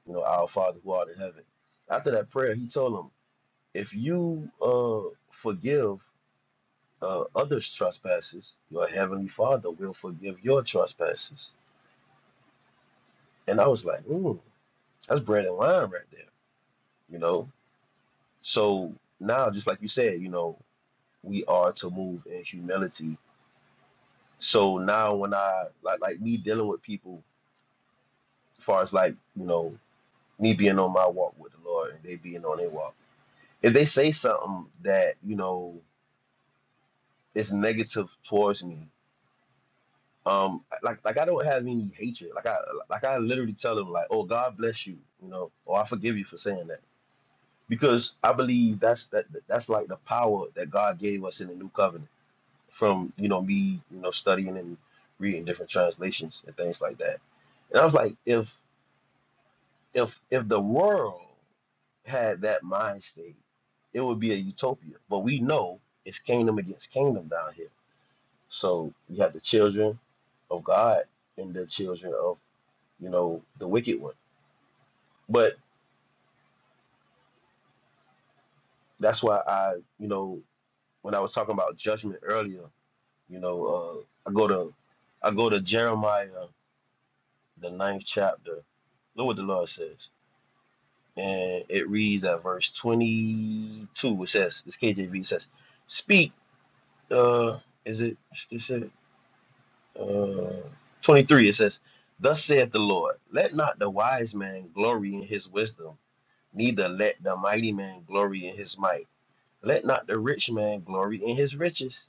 [SPEAKER 1] you know, our Father who art in heaven. After that prayer, he told him, if you uh, forgive uh, others' trespasses, your heavenly Father will forgive your trespasses. And I was like, mm, that's bread and wine right there, you know. So now, just like you said, you know, we are to move in humility. So now, when I like like me dealing with people, as far as like you know, me being on my walk with the Lord and they being on their walk if they say something that you know is negative towards me um like like i don't have any hatred like i like i literally tell them like oh god bless you you know or i forgive you for saying that because i believe that's that that's like the power that god gave us in the new covenant from you know me you know studying and reading different translations and things like that and i was like if If if the world had that mind state, it would be a utopia. But we know it's kingdom against kingdom down here. So you have the children of God and the children of, you know, the wicked one. But that's why I, you know, when I was talking about judgment earlier, you know, uh, I go to I go to Jeremiah the ninth chapter. Look what the Lord says. And it reads at verse 22. It says, this KJV says, Speak uh is it is it uh 23 it says thus saith the lord let not the wise man glory in his wisdom neither let the mighty man glory in his might let not the rich man glory in his riches,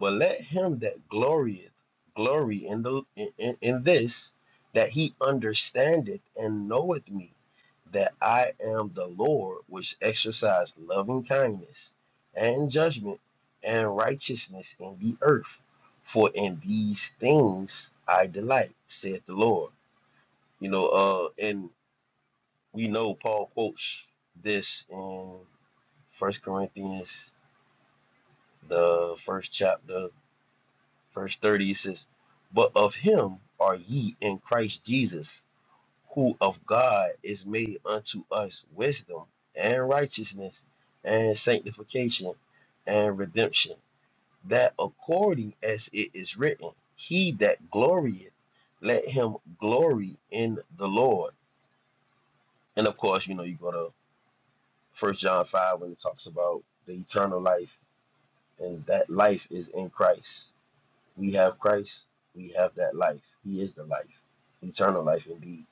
[SPEAKER 1] but let him that glorieth glory in the in, in, this that he understandeth and knoweth me, that I am the Lord which exercise loving kindness and judgment and righteousness in the earth. For in these things I delight, saith the Lord. You know, uh, and we know Paul quotes this in First Corinthians the first chapter, verse 30, it says, But of him are ye in Christ Jesus, who of God is made unto us wisdom and righteousness and sanctification and redemption, that according as it is written, He that glorieth, let him glory in the Lord. And of course, you know, you go to First John 5 when it talks about the eternal life, and that life is in Christ. we have Christ, we have that life. He is the life, eternal life indeed.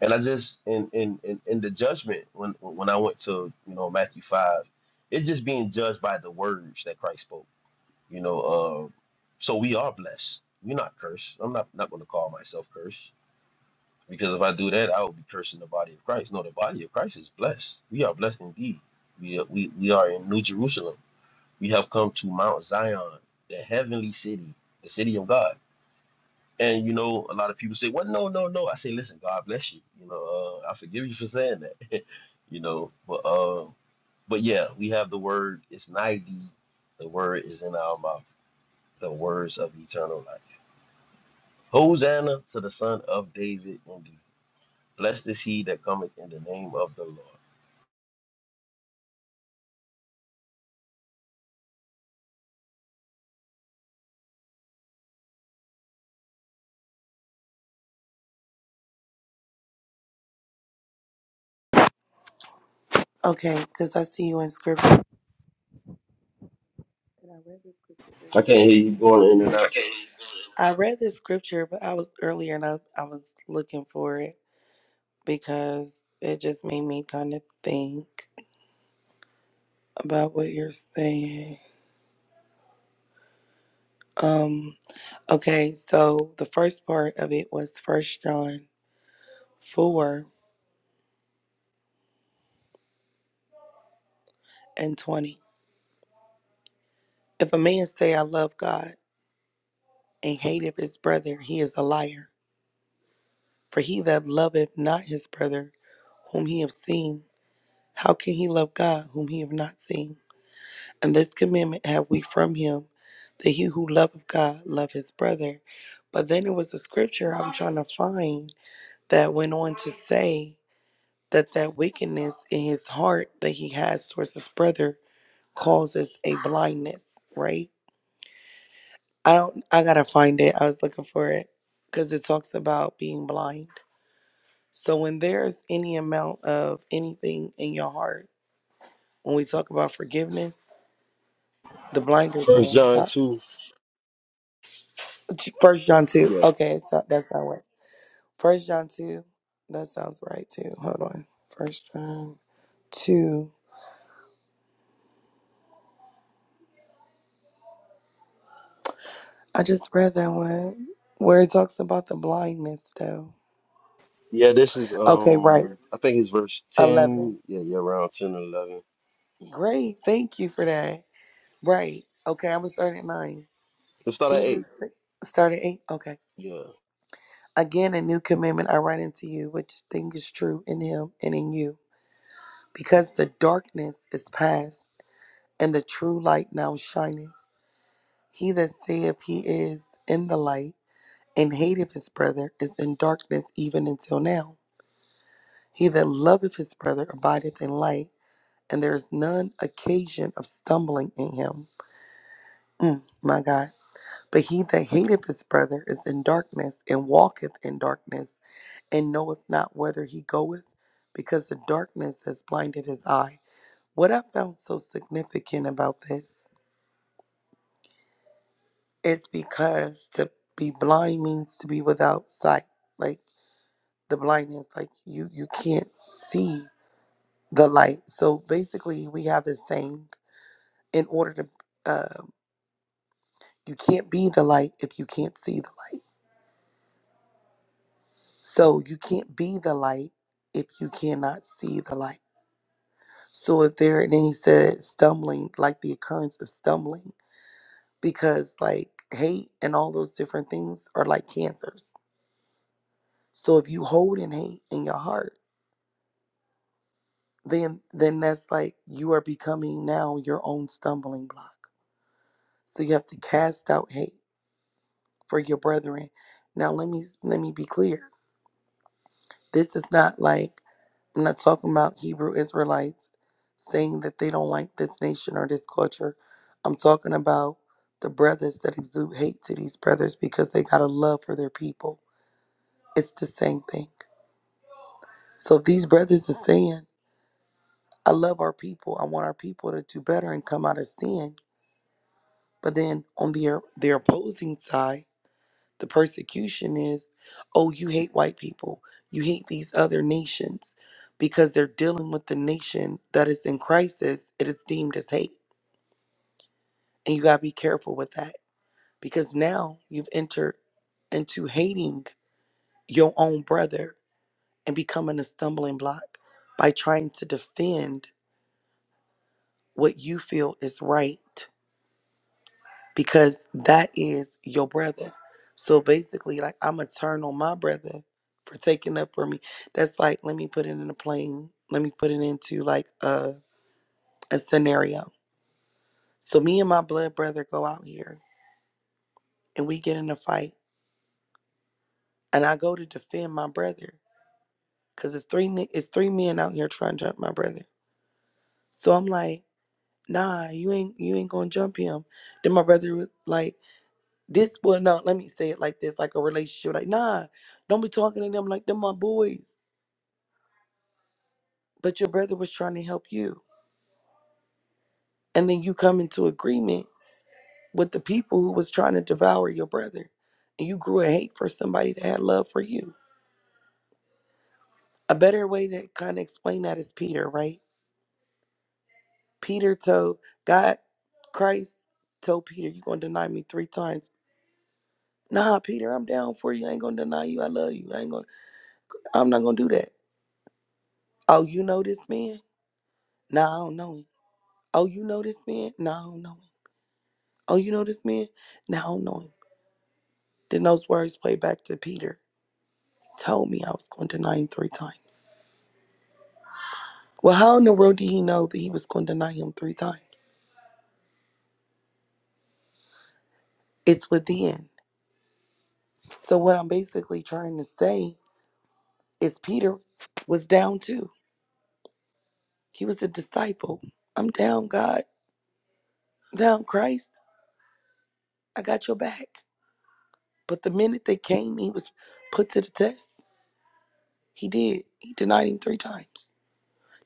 [SPEAKER 1] And I just in in in, in the judgment when when I went to you know Matthew five, it's just being judged by the words that Christ spoke. You know, uh, so we are blessed. We're not cursed. I'm not not going to call myself cursed because if I do that, I will be cursing the body of Christ. No, the body of Christ is blessed. We are blessed indeed. We are, we we are in New Jerusalem. We have come to Mount Zion, the heavenly city, the city of God And you know, a lot of people say, "Well, no, no, no." I say, "Listen, God bless you. You know, uh, I forgive you for saying that." you know, but uh, but yeah, we have the word. It's ninety. The word is in our mouth. The words of eternal life. Hosanna to the Son of David. Indeed, blessed is he that cometh in the name of the Lord.
[SPEAKER 2] Okay, because I see you in scripture. And I read this scripture
[SPEAKER 1] I
[SPEAKER 2] earlier,
[SPEAKER 1] can't hear you going in and
[SPEAKER 2] but
[SPEAKER 1] out.
[SPEAKER 2] I, I read this scripture, but I was earlier and I, I was looking for it because it just made me kind of think about what you're saying. Um. Okay, so the first part of it was First John four and twenty. If a man say, I love God, and hateth his brother, he is a liar. For he that loveth not his brother, whom he have seen, how can he love God, whom he have not seen? And this commandment have we from him, that he who loveth God, love his brother. But then it was a scripture I'm trying to find that went on to say that that wickedness in his heart that he has towards his brother causes a blindness, right? I don't. I gotta find it. I was looking for it because it talks about being blind. So when there's any amount of anything in your heart, when we talk about forgiveness, the blinders
[SPEAKER 1] First
[SPEAKER 2] on.
[SPEAKER 1] John
[SPEAKER 2] God.
[SPEAKER 1] two.
[SPEAKER 2] First John two.
[SPEAKER 1] Yeah,
[SPEAKER 2] Okay, it's that's not right. First John two. That sounds right too. Hold on. First John two. I just read that one where it talks about the blindness though.
[SPEAKER 1] yeah. This is
[SPEAKER 2] Okay, right.
[SPEAKER 1] um, I think it's verse
[SPEAKER 2] Eleven.
[SPEAKER 1] ten. Yeah, yeah, around ten or eleven.
[SPEAKER 2] Great. Thank you for that. Right. Okay, I was starting at nine.
[SPEAKER 1] Let's start at
[SPEAKER 2] Hebrews
[SPEAKER 1] eight.
[SPEAKER 2] 6, started 8. Okay.
[SPEAKER 1] Yeah.
[SPEAKER 2] Again, a new commandment I write unto you, which thing is true in him and in you. Because the darkness is past, and the true light now shineth. He that saith he is in the light, and hateth his brother, is in darkness even until now. He that loveth his brother abideth in light, and there is none occasion of stumbling in him. Mm, my God. But he that hateth his brother is in darkness, and walketh in darkness and knoweth not whether he goeth, because the darkness has blinded his eye. What I found so significant about this, it's because to be blind means to be without sight. Like the blindness, like you you can't see the light. So basically, we have this thing: in order to, uh, you can't be the light if you can't see the light. So you can't be the light if you cannot see the light. So if there, and then he said, stumbling, like the occurrence of stumbling. because like hate and all those different things are like cancers. So if you hold in hate in your heart, then then that's like you are becoming now your own stumbling block. So you have to cast out hate for your brethren. Now let me let me be clear. This is not like I'm not talking about Hebrew Israelites saying that they don't like this nation or this culture. I'm talking about the brothers that exude hate to these brothers because they got a love for their people. It's the same thing. So if these brothers are saying, I love our people, I want our people to do better and come out of sin. But then on their their opposing side, the persecution is, oh, you hate white people, you hate these other nations, because they're dealing with the nation that is in crisis. It is deemed as hate, and you gotta be careful with that because now you've entered into hating your own brother and becoming a stumbling block by trying to defend what you feel is right because that is your brother. So basically, like I'm gonna turn on my brother for taking up for me. That's like let me put it in a plane. Let me put it into like a a scenario. So me and my blood brother go out here and we get in a fight, and I go to defend my brother because it's three ni- it's three men out here trying to jump my brother. So I'm like, nah, you ain't you ain't gonna jump him. Then my brother was like. This well no, let me say it like this, like a relationship. Like, nah, don't be talking to them like them my boys. But your brother was trying to help you. And then you come into agreement with the people who was trying to devour your brother. And you grew a hate for somebody that had love for you. A better way to kind of explain that is Peter, right? Peter told God, Christ told Peter, you gonna deny me three times. Nah, Peter, I'm down for you. I ain't gonna deny you. I love you. I ain't gonna I'm not gonna do that. Oh, you know this man? Nah, I don't know him. Oh, you know this man? No, I don't know him. Oh, you know this man? No, I don't know him. Then those words played back to Peter. told me I was going to deny him three times. Well, how in the world did he know that he was going to deny him three times? It's within. So what I'm basically trying to say is Peter was down too. He was a disciple. I'm down, God. I'm down, Christ. I got your back. But the minute they came, he was put to the test. He did. He denied him three times.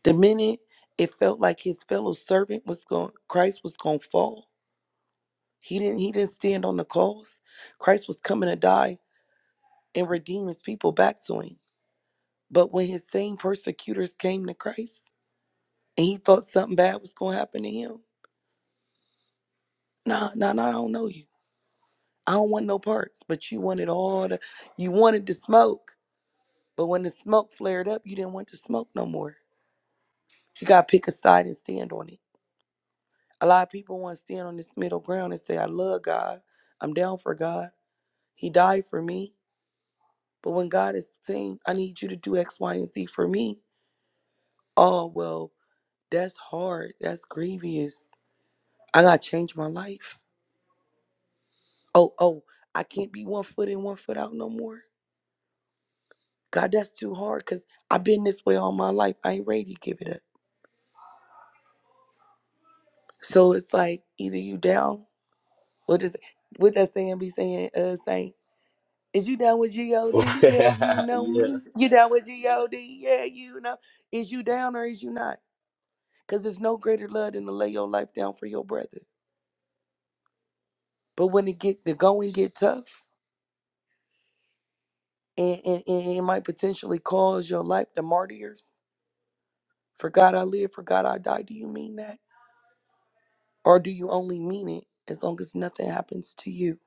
[SPEAKER 2] The minute it felt like his fellow servant was going, Christ was going to fall. He didn't. He didn't stand on the cross. Christ was coming to die and redeem his people back to him. But when his same persecutors came to Christ and he thought something bad was going to happen to him, nah, nah, nah, I don't know you. I don't want no parts. But you wanted all the, you wanted the smoke. But when the smoke flared up, you didn't want the smoke no more. You got to pick a side and stand on it. A lot of people want to stand on this middle ground and say, I love God. I'm down for God. He died for me. But when God is saying, I need you to do X, Y, and Z for me, oh, well, that's hard. That's grievous. I got to change my life. Oh, oh, I can't be one foot in, one foot out no more. God, that's too hard because I've been this way all my life. I ain't ready to give it up. So it's like either you down, what does what that saying be saying, uh, saying? Is you down with G-O-D? Yeah, you know
[SPEAKER 1] yeah.
[SPEAKER 2] me. You down with G-O-D? Yeah, you know. Is you down or is you not? Because there's no greater love than to lay your life down for your brother. But when it get the going get tough, and, and, and it might potentially cause your life to martyrs. For God I live, for God I die. Do you mean that? Or do you only mean it as long as nothing happens to you?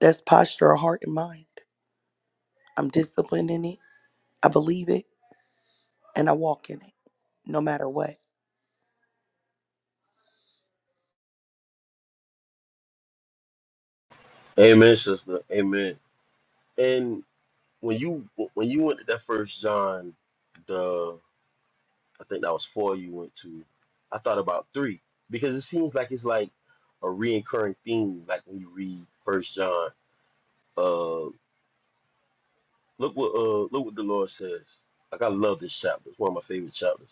[SPEAKER 2] That's posture of heart and mind. I'm disciplined in it. I believe it and I walk in it no matter what.
[SPEAKER 1] Amen, sister. Amen. And when you when you went to that first John, the I think that was four you went to, I thought about three because it seems like it's like a reoccurring theme. Like when you read First John, uh, look what uh look what the Lord says. Like I love this chapter. It's one of my favorite chapters.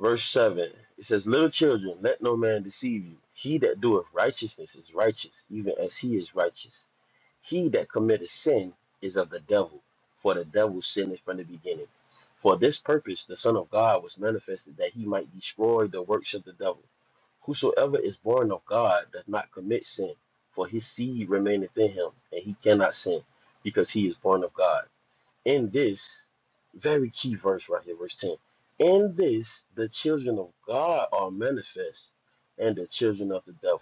[SPEAKER 1] verse 7 it says little children let no man deceive you he that doeth righteousness is righteous even as he is righteous he that committeth sin is of the devil for the devil sinneth from the beginning for this purpose the son of god was manifested that he might destroy the works of the devil whosoever is born of god does not commit sin for his seed remaineth in him and he cannot sin because he is born of god in this very key verse right here, verse 10. In this the children of God are manifest, and the children of the devil.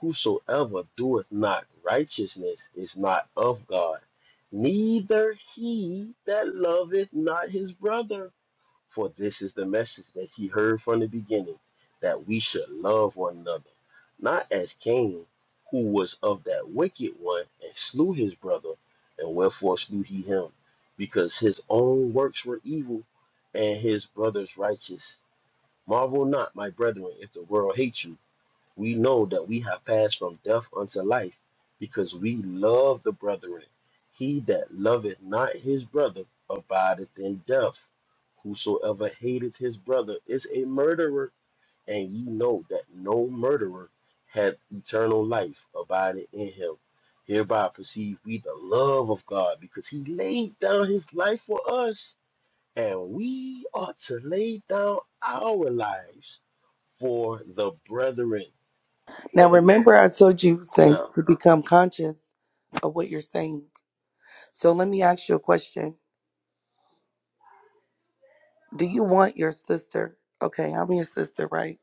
[SPEAKER 1] Whosoever doeth not righteousness is not of God, neither he that loveth not his brother. For this is the message that he heard from the beginning, that we should love one another, not as Cain, who was of that wicked one and slew his brother, and wherefore slew he him, because his own works were evil, and his brother's righteous. Marvel not, my brethren, if the world hates you we know that we have passed from death unto life because we love the brethren. He that loveth not his brother abideth in death. Whosoever hateth his brother is a murderer, and ye know that no murderer hath eternal life abiding in him. Hereby perceive we the love of God because he laid down his life for us, and we ought to lay down our lives for the brethren.
[SPEAKER 2] Now,
[SPEAKER 1] and.
[SPEAKER 2] remember, I told you Saint,
[SPEAKER 1] Yeah.
[SPEAKER 2] to become conscious of what you're saying. So let me ask you a question. Do you want your sister? Okay, I'm your sister, right?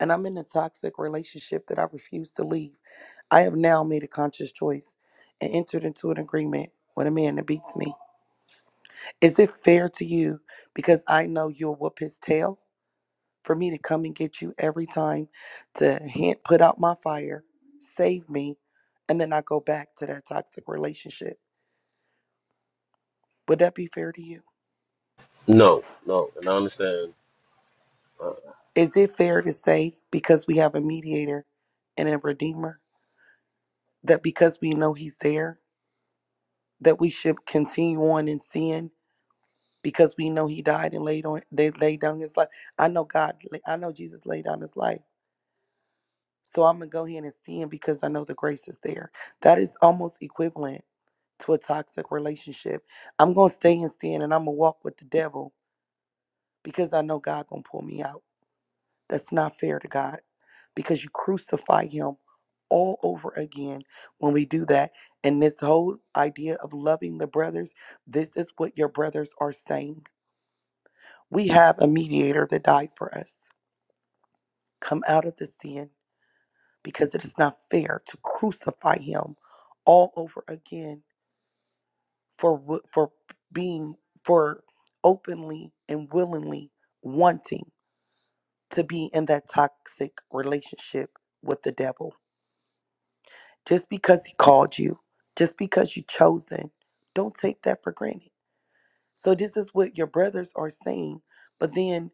[SPEAKER 2] And I'm in a toxic relationship that I refuse to leave. I have now made a conscious choice and entered into an agreement with a man that beats me. Is it fair to you because I know you'll whoop his tail for me to come and get you every time to hint, put out my fire, save me, and then I go back to that toxic relationship? Would that be fair to you?
[SPEAKER 1] No, no, and I understand. Uh,
[SPEAKER 2] Is it fair to say, because we have a mediator and a redeemer, that because we know he's there, that we should continue on in sin because we know he died and laid on they laid down his life. I know God I know Jesus laid down his life. So I'm gonna go ahead and sin because I know the grace is there. That is almost equivalent to a toxic relationship. I'm gonna stay in sin and I'm gonna walk with the devil because I know God gonna pull me out. That's not fair to God because you crucify him all over again when we do that. And this whole idea of loving the brothers, this is what your brothers are saying. We have a mediator that died for us. Come out of the sin because it is not fair to crucify him all over again for wi- for being for openly and willingly wanting to be in that toxic relationship with the devil. Just because he called you, just because you chosen, don't take that for granted. So this is what your brothers are saying, but then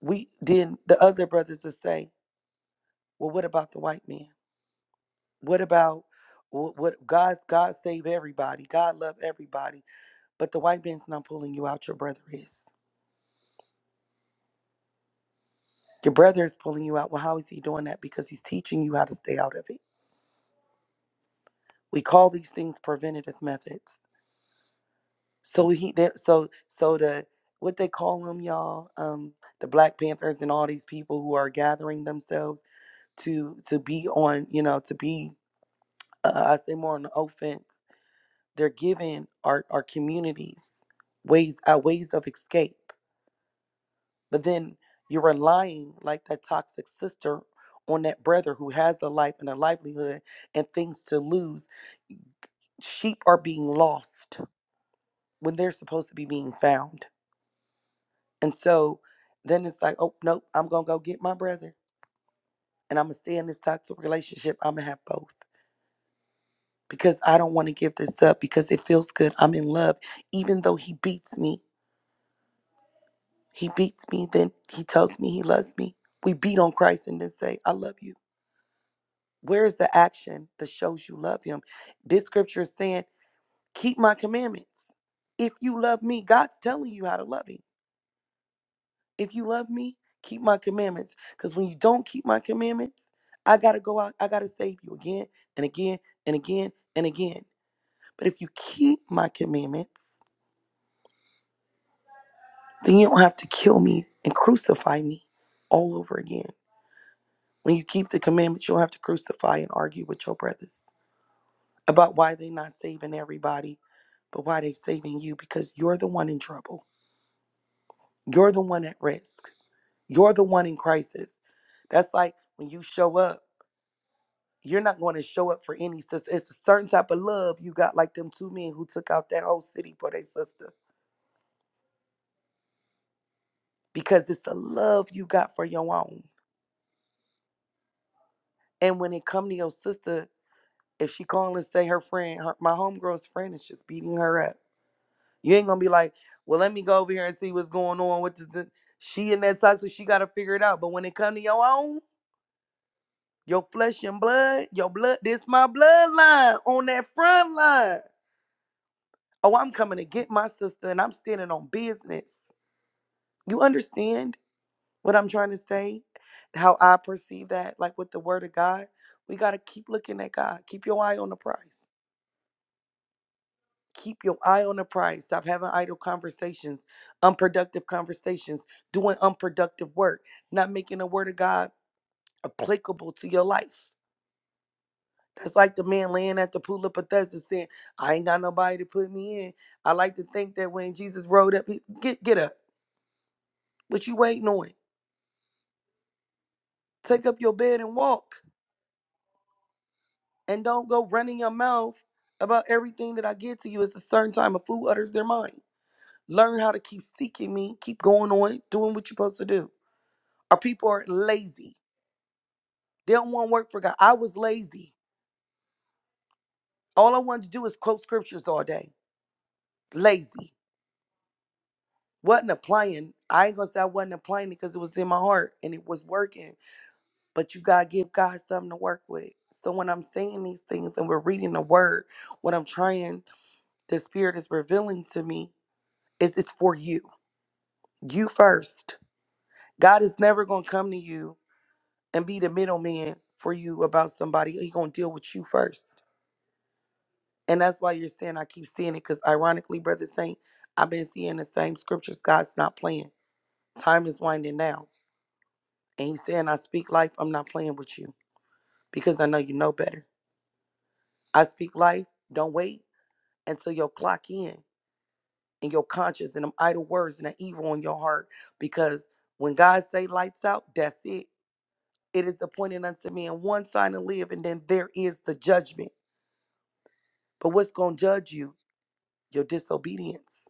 [SPEAKER 2] we then the other brothers will say, Well, what about the white man? What about wh- what God's God save everybody, God love everybody, but the white man's not pulling you out, your brother is. Your brother is pulling you out. Well, how is he doing that? Because he's teaching you how to stay out of it. We call these things preventative methods. So he did. So so the what they call them, y'all, um, the Black Panthers and all these people who are gathering themselves to to be on, you know, to be, uh, I say more on the offense. They're giving our our communities ways uh, ways of escape, but then you're relying like that toxic sister on that brother who has a life and a livelihood and things to lose. Sheep are being lost when they're supposed to be being found And so then it's like, oh, nope, I'm going to go get my brother and I'm going to stay in this toxic relationship. I'm going to have both because I don't want to give this up because it feels good. I'm in love. Even though he beats me, he beats me, then he tells me he loves me. We beat on Christ and then say, I love you. Where is the action that shows you love him? This scripture is saying, keep my commandments. If you love me, God's telling you how to love him. If you love me, keep my commandments. Because when you don't keep my commandments, I got to go out, I got to save you again and again and again and again. But if you keep my commandments, then you don't have to kill me and crucify me all over again. When you keep the commandments, you don't have to crucify and argue with your brothers about why they not saving everybody, but why they saving you because you're the one in trouble. You're the one at risk. You're the one in crisis. That's like when you show up. you're not going to show up for any sister. It's a certain type of love you got, like them two men who took out that whole city for their sister, because it's the love you got for your own. And when it come to your sister, if she call and say her friend, her, my homegirl's friend is just beating her up, you ain't gonna be like, well, let me go over here and see what's going on. What does the she and that toxic? She got to figure it out. But when it come to your own, your flesh and blood, your blood, this my bloodline on that front line. Oh, I'm coming to get my sister, and I'm standing on business. You understand what I'm trying to say? How I perceive that, like with the word of God, we got to keep looking at God. Keep your eye on the prize. Keep your eye on the prize. Stop having idle conversations, unproductive conversations, doing unproductive work, not making the word of God applicable to your life. That's like the man laying at the pool of Bethesda saying, I ain't got nobody to put me in. I like to think that when Jesus rode up, he, get, get up. What you waiting on? Take up your bed and walk. and don't go running your mouth about everything that I give to you. It's a certain time a fool utters their mind. Learn how to keep seeking me, keep going on, doing what you're supposed to do. Our people are lazy. They don't want to work for God. I was lazy. All I wanted to do is quote scriptures all day. Lazy. Wasn't applying. I ain't gonna say I wasn't applying it because it was in my heart and it was working. But you gotta give God something to work with. So when I'm saying these things and we're reading the word, what I'm trying, the spirit is revealing to me is it's for you You first. God is never going to come to you and be the middleman for you about somebody. He going to deal with you first. And that's why you're saying, I keep seeing it, because ironically, Brother Saint, I've been seeing the same scriptures. God's not playing. Time is winding down. And he's saying, I speak life. I'm not playing with you because I know you know better. I speak life. Don't wait until your clock in and your conscience and them idle words and the evil in your heart. Because when God say lights out, that's it It is appointed unto man one sign to live, and then there is the judgment. But what's going to judge you? Your disobedience.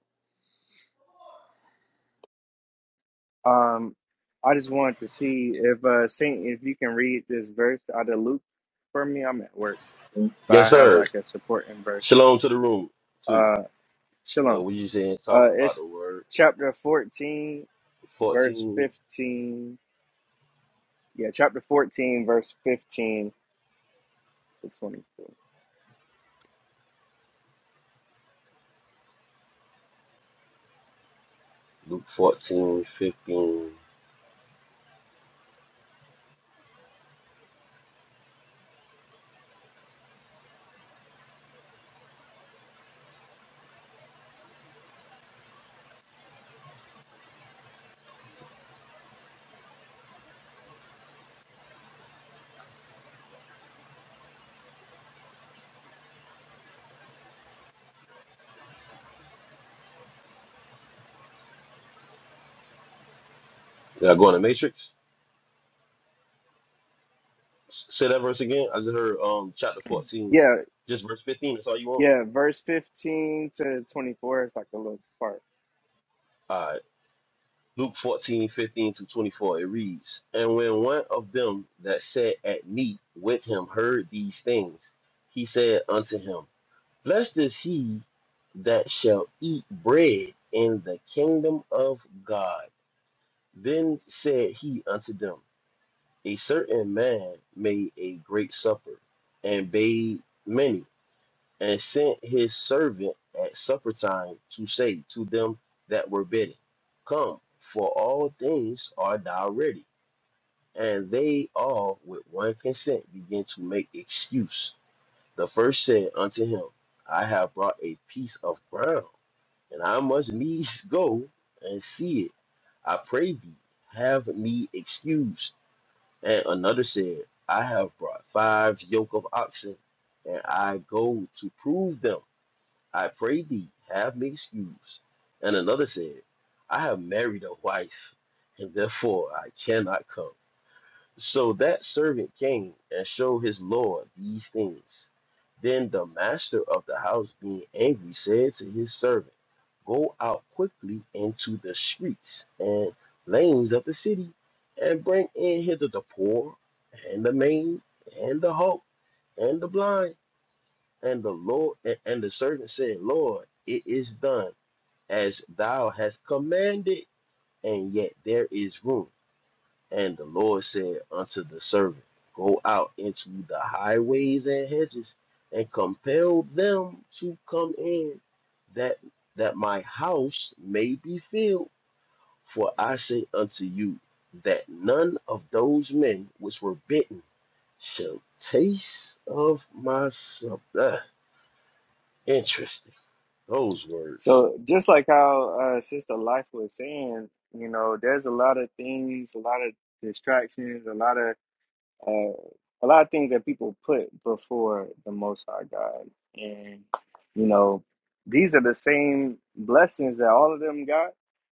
[SPEAKER 3] Um, I just wanted to see if uh Saint, if you can read this verse out of Luke for me. I'm at work, but
[SPEAKER 1] yes,
[SPEAKER 3] I have
[SPEAKER 1] sir.
[SPEAKER 3] like a supporting verse.
[SPEAKER 1] Shalom to the room too.
[SPEAKER 3] Uh, Shalom.
[SPEAKER 1] And we just here
[SPEAKER 3] Uh,
[SPEAKER 1] talking about
[SPEAKER 3] it's
[SPEAKER 1] the word
[SPEAKER 3] chapter 14, verse
[SPEAKER 1] fourteen,
[SPEAKER 3] 15. Yeah, chapter 14, verse 15 to 24.
[SPEAKER 1] Luke fourteen fifteen. 15. Did I go in the matrix? S- Say that verse again. I just heard um chapter fourteen,
[SPEAKER 3] Yeah,
[SPEAKER 1] just verse fifteen. That's all you want.
[SPEAKER 3] yeah, verse 15 to 24 is like a little part.
[SPEAKER 1] All right. Luke 14 15 to 24, it reads, And when one of them that sat at meat with him heard these things, he said unto him. Blessed is he that shall eat bread in the kingdom of God. Then said he unto them, A certain man made a great supper, and bade many, and sent his servant at supper time to say to them that were bidden, Come, for all things are now ready. And they all with one consent began to make excuse. The first said unto him, I have brought a piece of ground, and I must needs go and see it. I pray thee, have me excused. And another said, I have brought five yoke of oxen, and I go to prove them. I pray thee, have me excused. And another said, I have married a wife, and therefore I cannot come. So that servant came and showed his lord these things. Then the master of the house, being angry, said to his servant, Go out quickly into the streets and lanes of the city, and bring in hither the poor, and the maimed, and the halt, and the blind. And the Lord and and the servant said, Lord, it is done as thou hast commanded, and yet there is room. And the Lord said unto the servant, Go out into the highways and hedges, and compel them to come in, that that my house may be filled. For I say unto you, that none of those men which were bitten shall taste of my supper. Ah, interesting. Those words.
[SPEAKER 3] So just like how uh Sister Life was saying, you know, there's a lot of things, a lot of distractions, a lot of uh, a lot of things that people put before the Most High God, and you know, these are the same blessings that all of them got.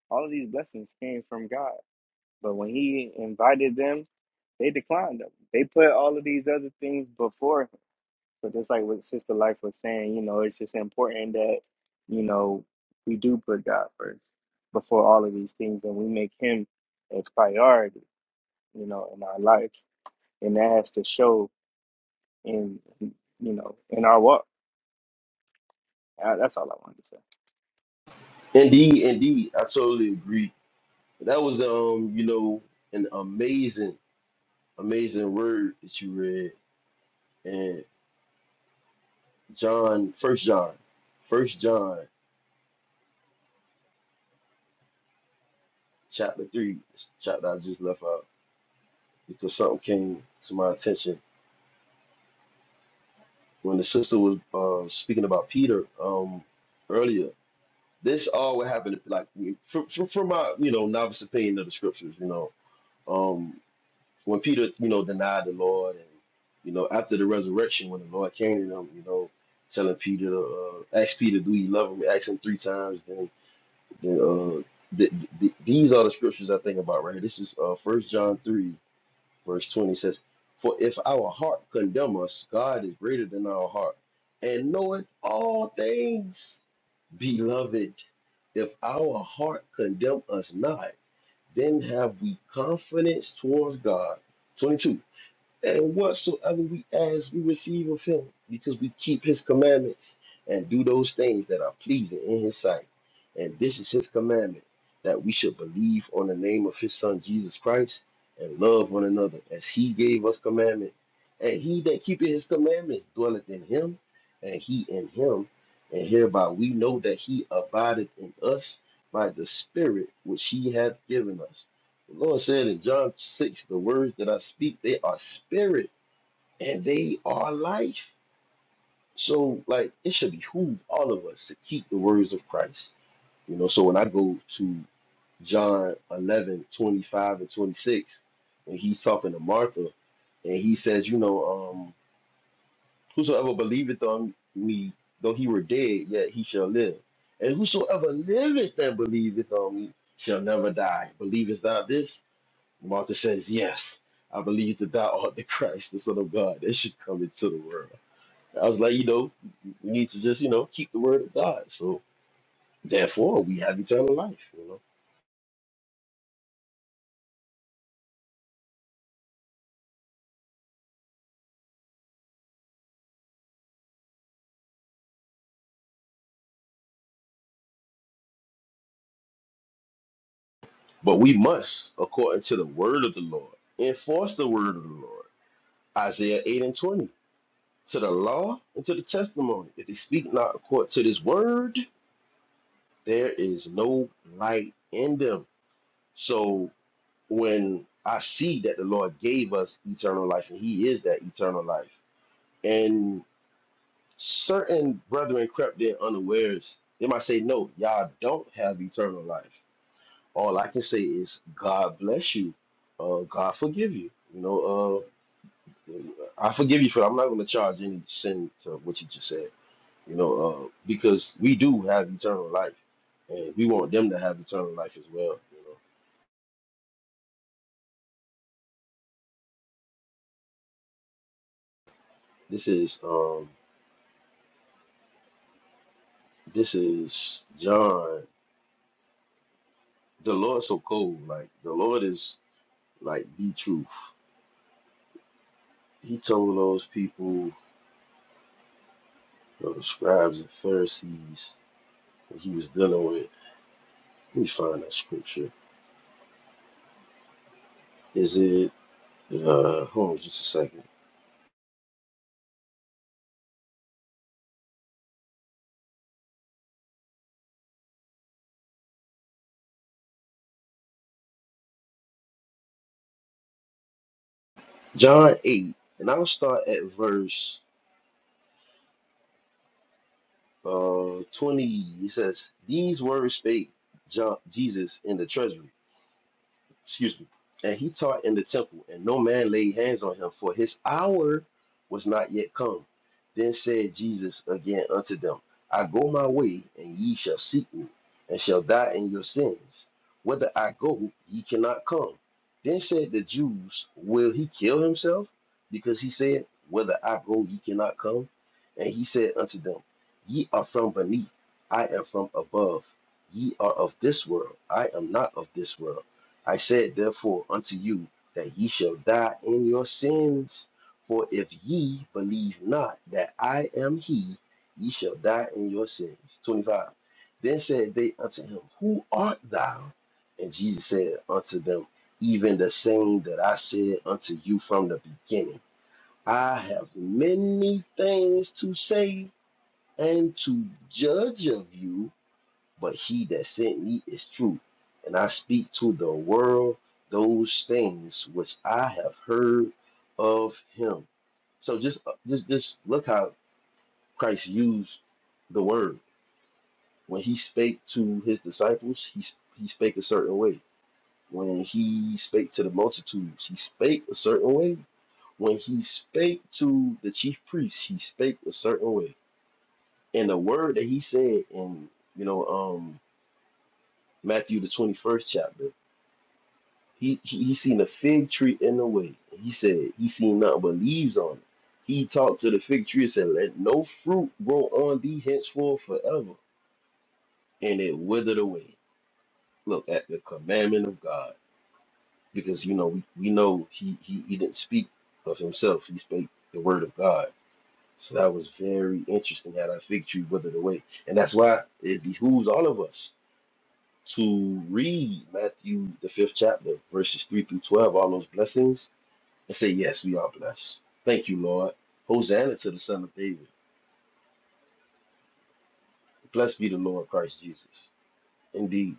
[SPEAKER 3] All of these blessings came from God, but when He invited them, they declined them. They put all of these other things before. Him. But just like what Sister Life was saying, you know, it's just important that you know we do put God first before all of these things, and we make Him as priority, you know, in our life, and that has to show in you know in our walk. Uh, That's all I wanted to say.
[SPEAKER 1] Indeed, indeed, I totally agree. That was um, you know, an amazing amazing word that you read and John, First John, First John, chapter three, chapter I just left out because something came to my attention when the sister was uh, speaking about Peter um, earlier. This all would happen like from, from, from my you know novice opinion of the scriptures, you know, um, when Peter you know denied the Lord and you know after the resurrection when the Lord came to him, you know, telling Peter uh, ask Peter, do you love him? Ask him three times, then The, uh, the, the, these are the scriptures I think about right here. This is uh, 1 John 3, verse 20 says, For if our heart condemn us, God is greater than our heart and knoweth all things. Beloved, if our heart condemn us not, then have we confidence towards God. 22 and whatsoever we ask, we receive of him, because we keep his commandments and do those things that are pleasing in his sight. And this is his commandment that we should believe on the name of his son Jesus Christ and love one another as he gave us commandment. And he that keepeth his commandments dwelleth in him, and he in him. And hereby we know that he abideth in us by the Spirit which he hath given us. The Lord said in John 6, the words that I speak, they are spirit and they are life. So, like, it should behoove all of us to keep the words of Christ. You know, so when I go to John 11 25 and 26, and he's talking to Martha, and he says, you know, um, whosoever believeth on me, though he were dead, yet he shall live. And whosoever liveth and believeth on me shall never die. Believest thou this? Martha says, Yes, I believe that thou art the Christ, the Son of God, that should come into the world. I was like, you know, we need to just, you know, keep the word of God. So therefore we have eternal life, you know. But we must, according to the word of the Lord, enforce the word of the Lord. Isaiah 8 and 20. To the law and to the testimony. If they speak not according to this word, there is no light in them. So. when I see that the Lord gave us eternal life and He is that eternal life. And certain brethren crept in unawares. They might say, No, y'all don't have eternal life. All I can say is, God bless you. Uh, God forgive you. You know, uh, I forgive you for that. I'm not going to charge any sin to what you just said, you know, uh, because we do have eternal life and we want them to have eternal life as well. You know, this is. Um, this is John. the Lord so cold. Like the Lord is like the truth. He told those people, those scribes and Pharisees that he was dealing with. Let me find that scripture. Is it uh hold on just a second. John eight, and I'll start at verse uh twenty. He says, These words spake John Jesus in the treasury. excuse me, and he taught in the temple, and no man laid hands on him, for his hour was not yet come. Then said Jesus again unto them, I go my way, and ye shall seek me, and shall die in your sins. Whither I go, ye cannot come. Then said the Jews, Will he kill himself? Because he said, Whither I go, ye cannot come. And he said unto them, Ye are from beneath, I am from above. Ye are of this world, I am not of this world. I said, therefore, unto you that ye shall die in your sins. For if ye believe not that I am he, ye shall die in your sins. 25. Then said they unto him, Who art thou? And Jesus said unto them, Even the same that I said unto you from the beginning. I have many things to say and to judge of you but he that sent me is true. And I speak to the world those things which I have heard of him. So just uh, just just look how Christ used the word. When he spake to his disciples, he he spake a certain way. When he spake to the multitudes, he spake a certain way. When he spake to the chief priests, he spake a certain way. And the word that he said in, you know, um Matthew the 21st chapter He, he he seen a fig tree in the way. He said he seen nothing but leaves on it. He talked to the fig tree and said, Let no fruit grow on thee henceforth forever. And it withered away. Look at the commandment of God. Because you know we, we know he, he, he didn't speak of himself, he spake the word of God. So that was very interesting how that fig tree withered away. And that's why it behooves all of us to read Matthew the fifth chapter, verses three through twelve, all those blessings and say, Yes, we are blessed. Thank you, Lord. Hosanna to the Son of David. Blessed be the Lord Christ Jesus. Indeed,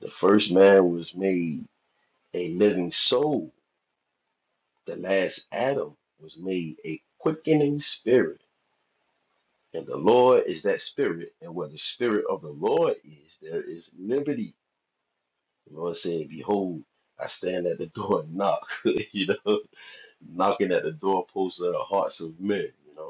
[SPEAKER 1] the first man was made a living soul, the last Adam was made a quickening spirit. And the Lord is that spirit, and where the spirit of the Lord is, there is liberty. The Lord said, Behold, I stand at the door and knock, you know, knocking at the doorpost of the hearts of men, you know.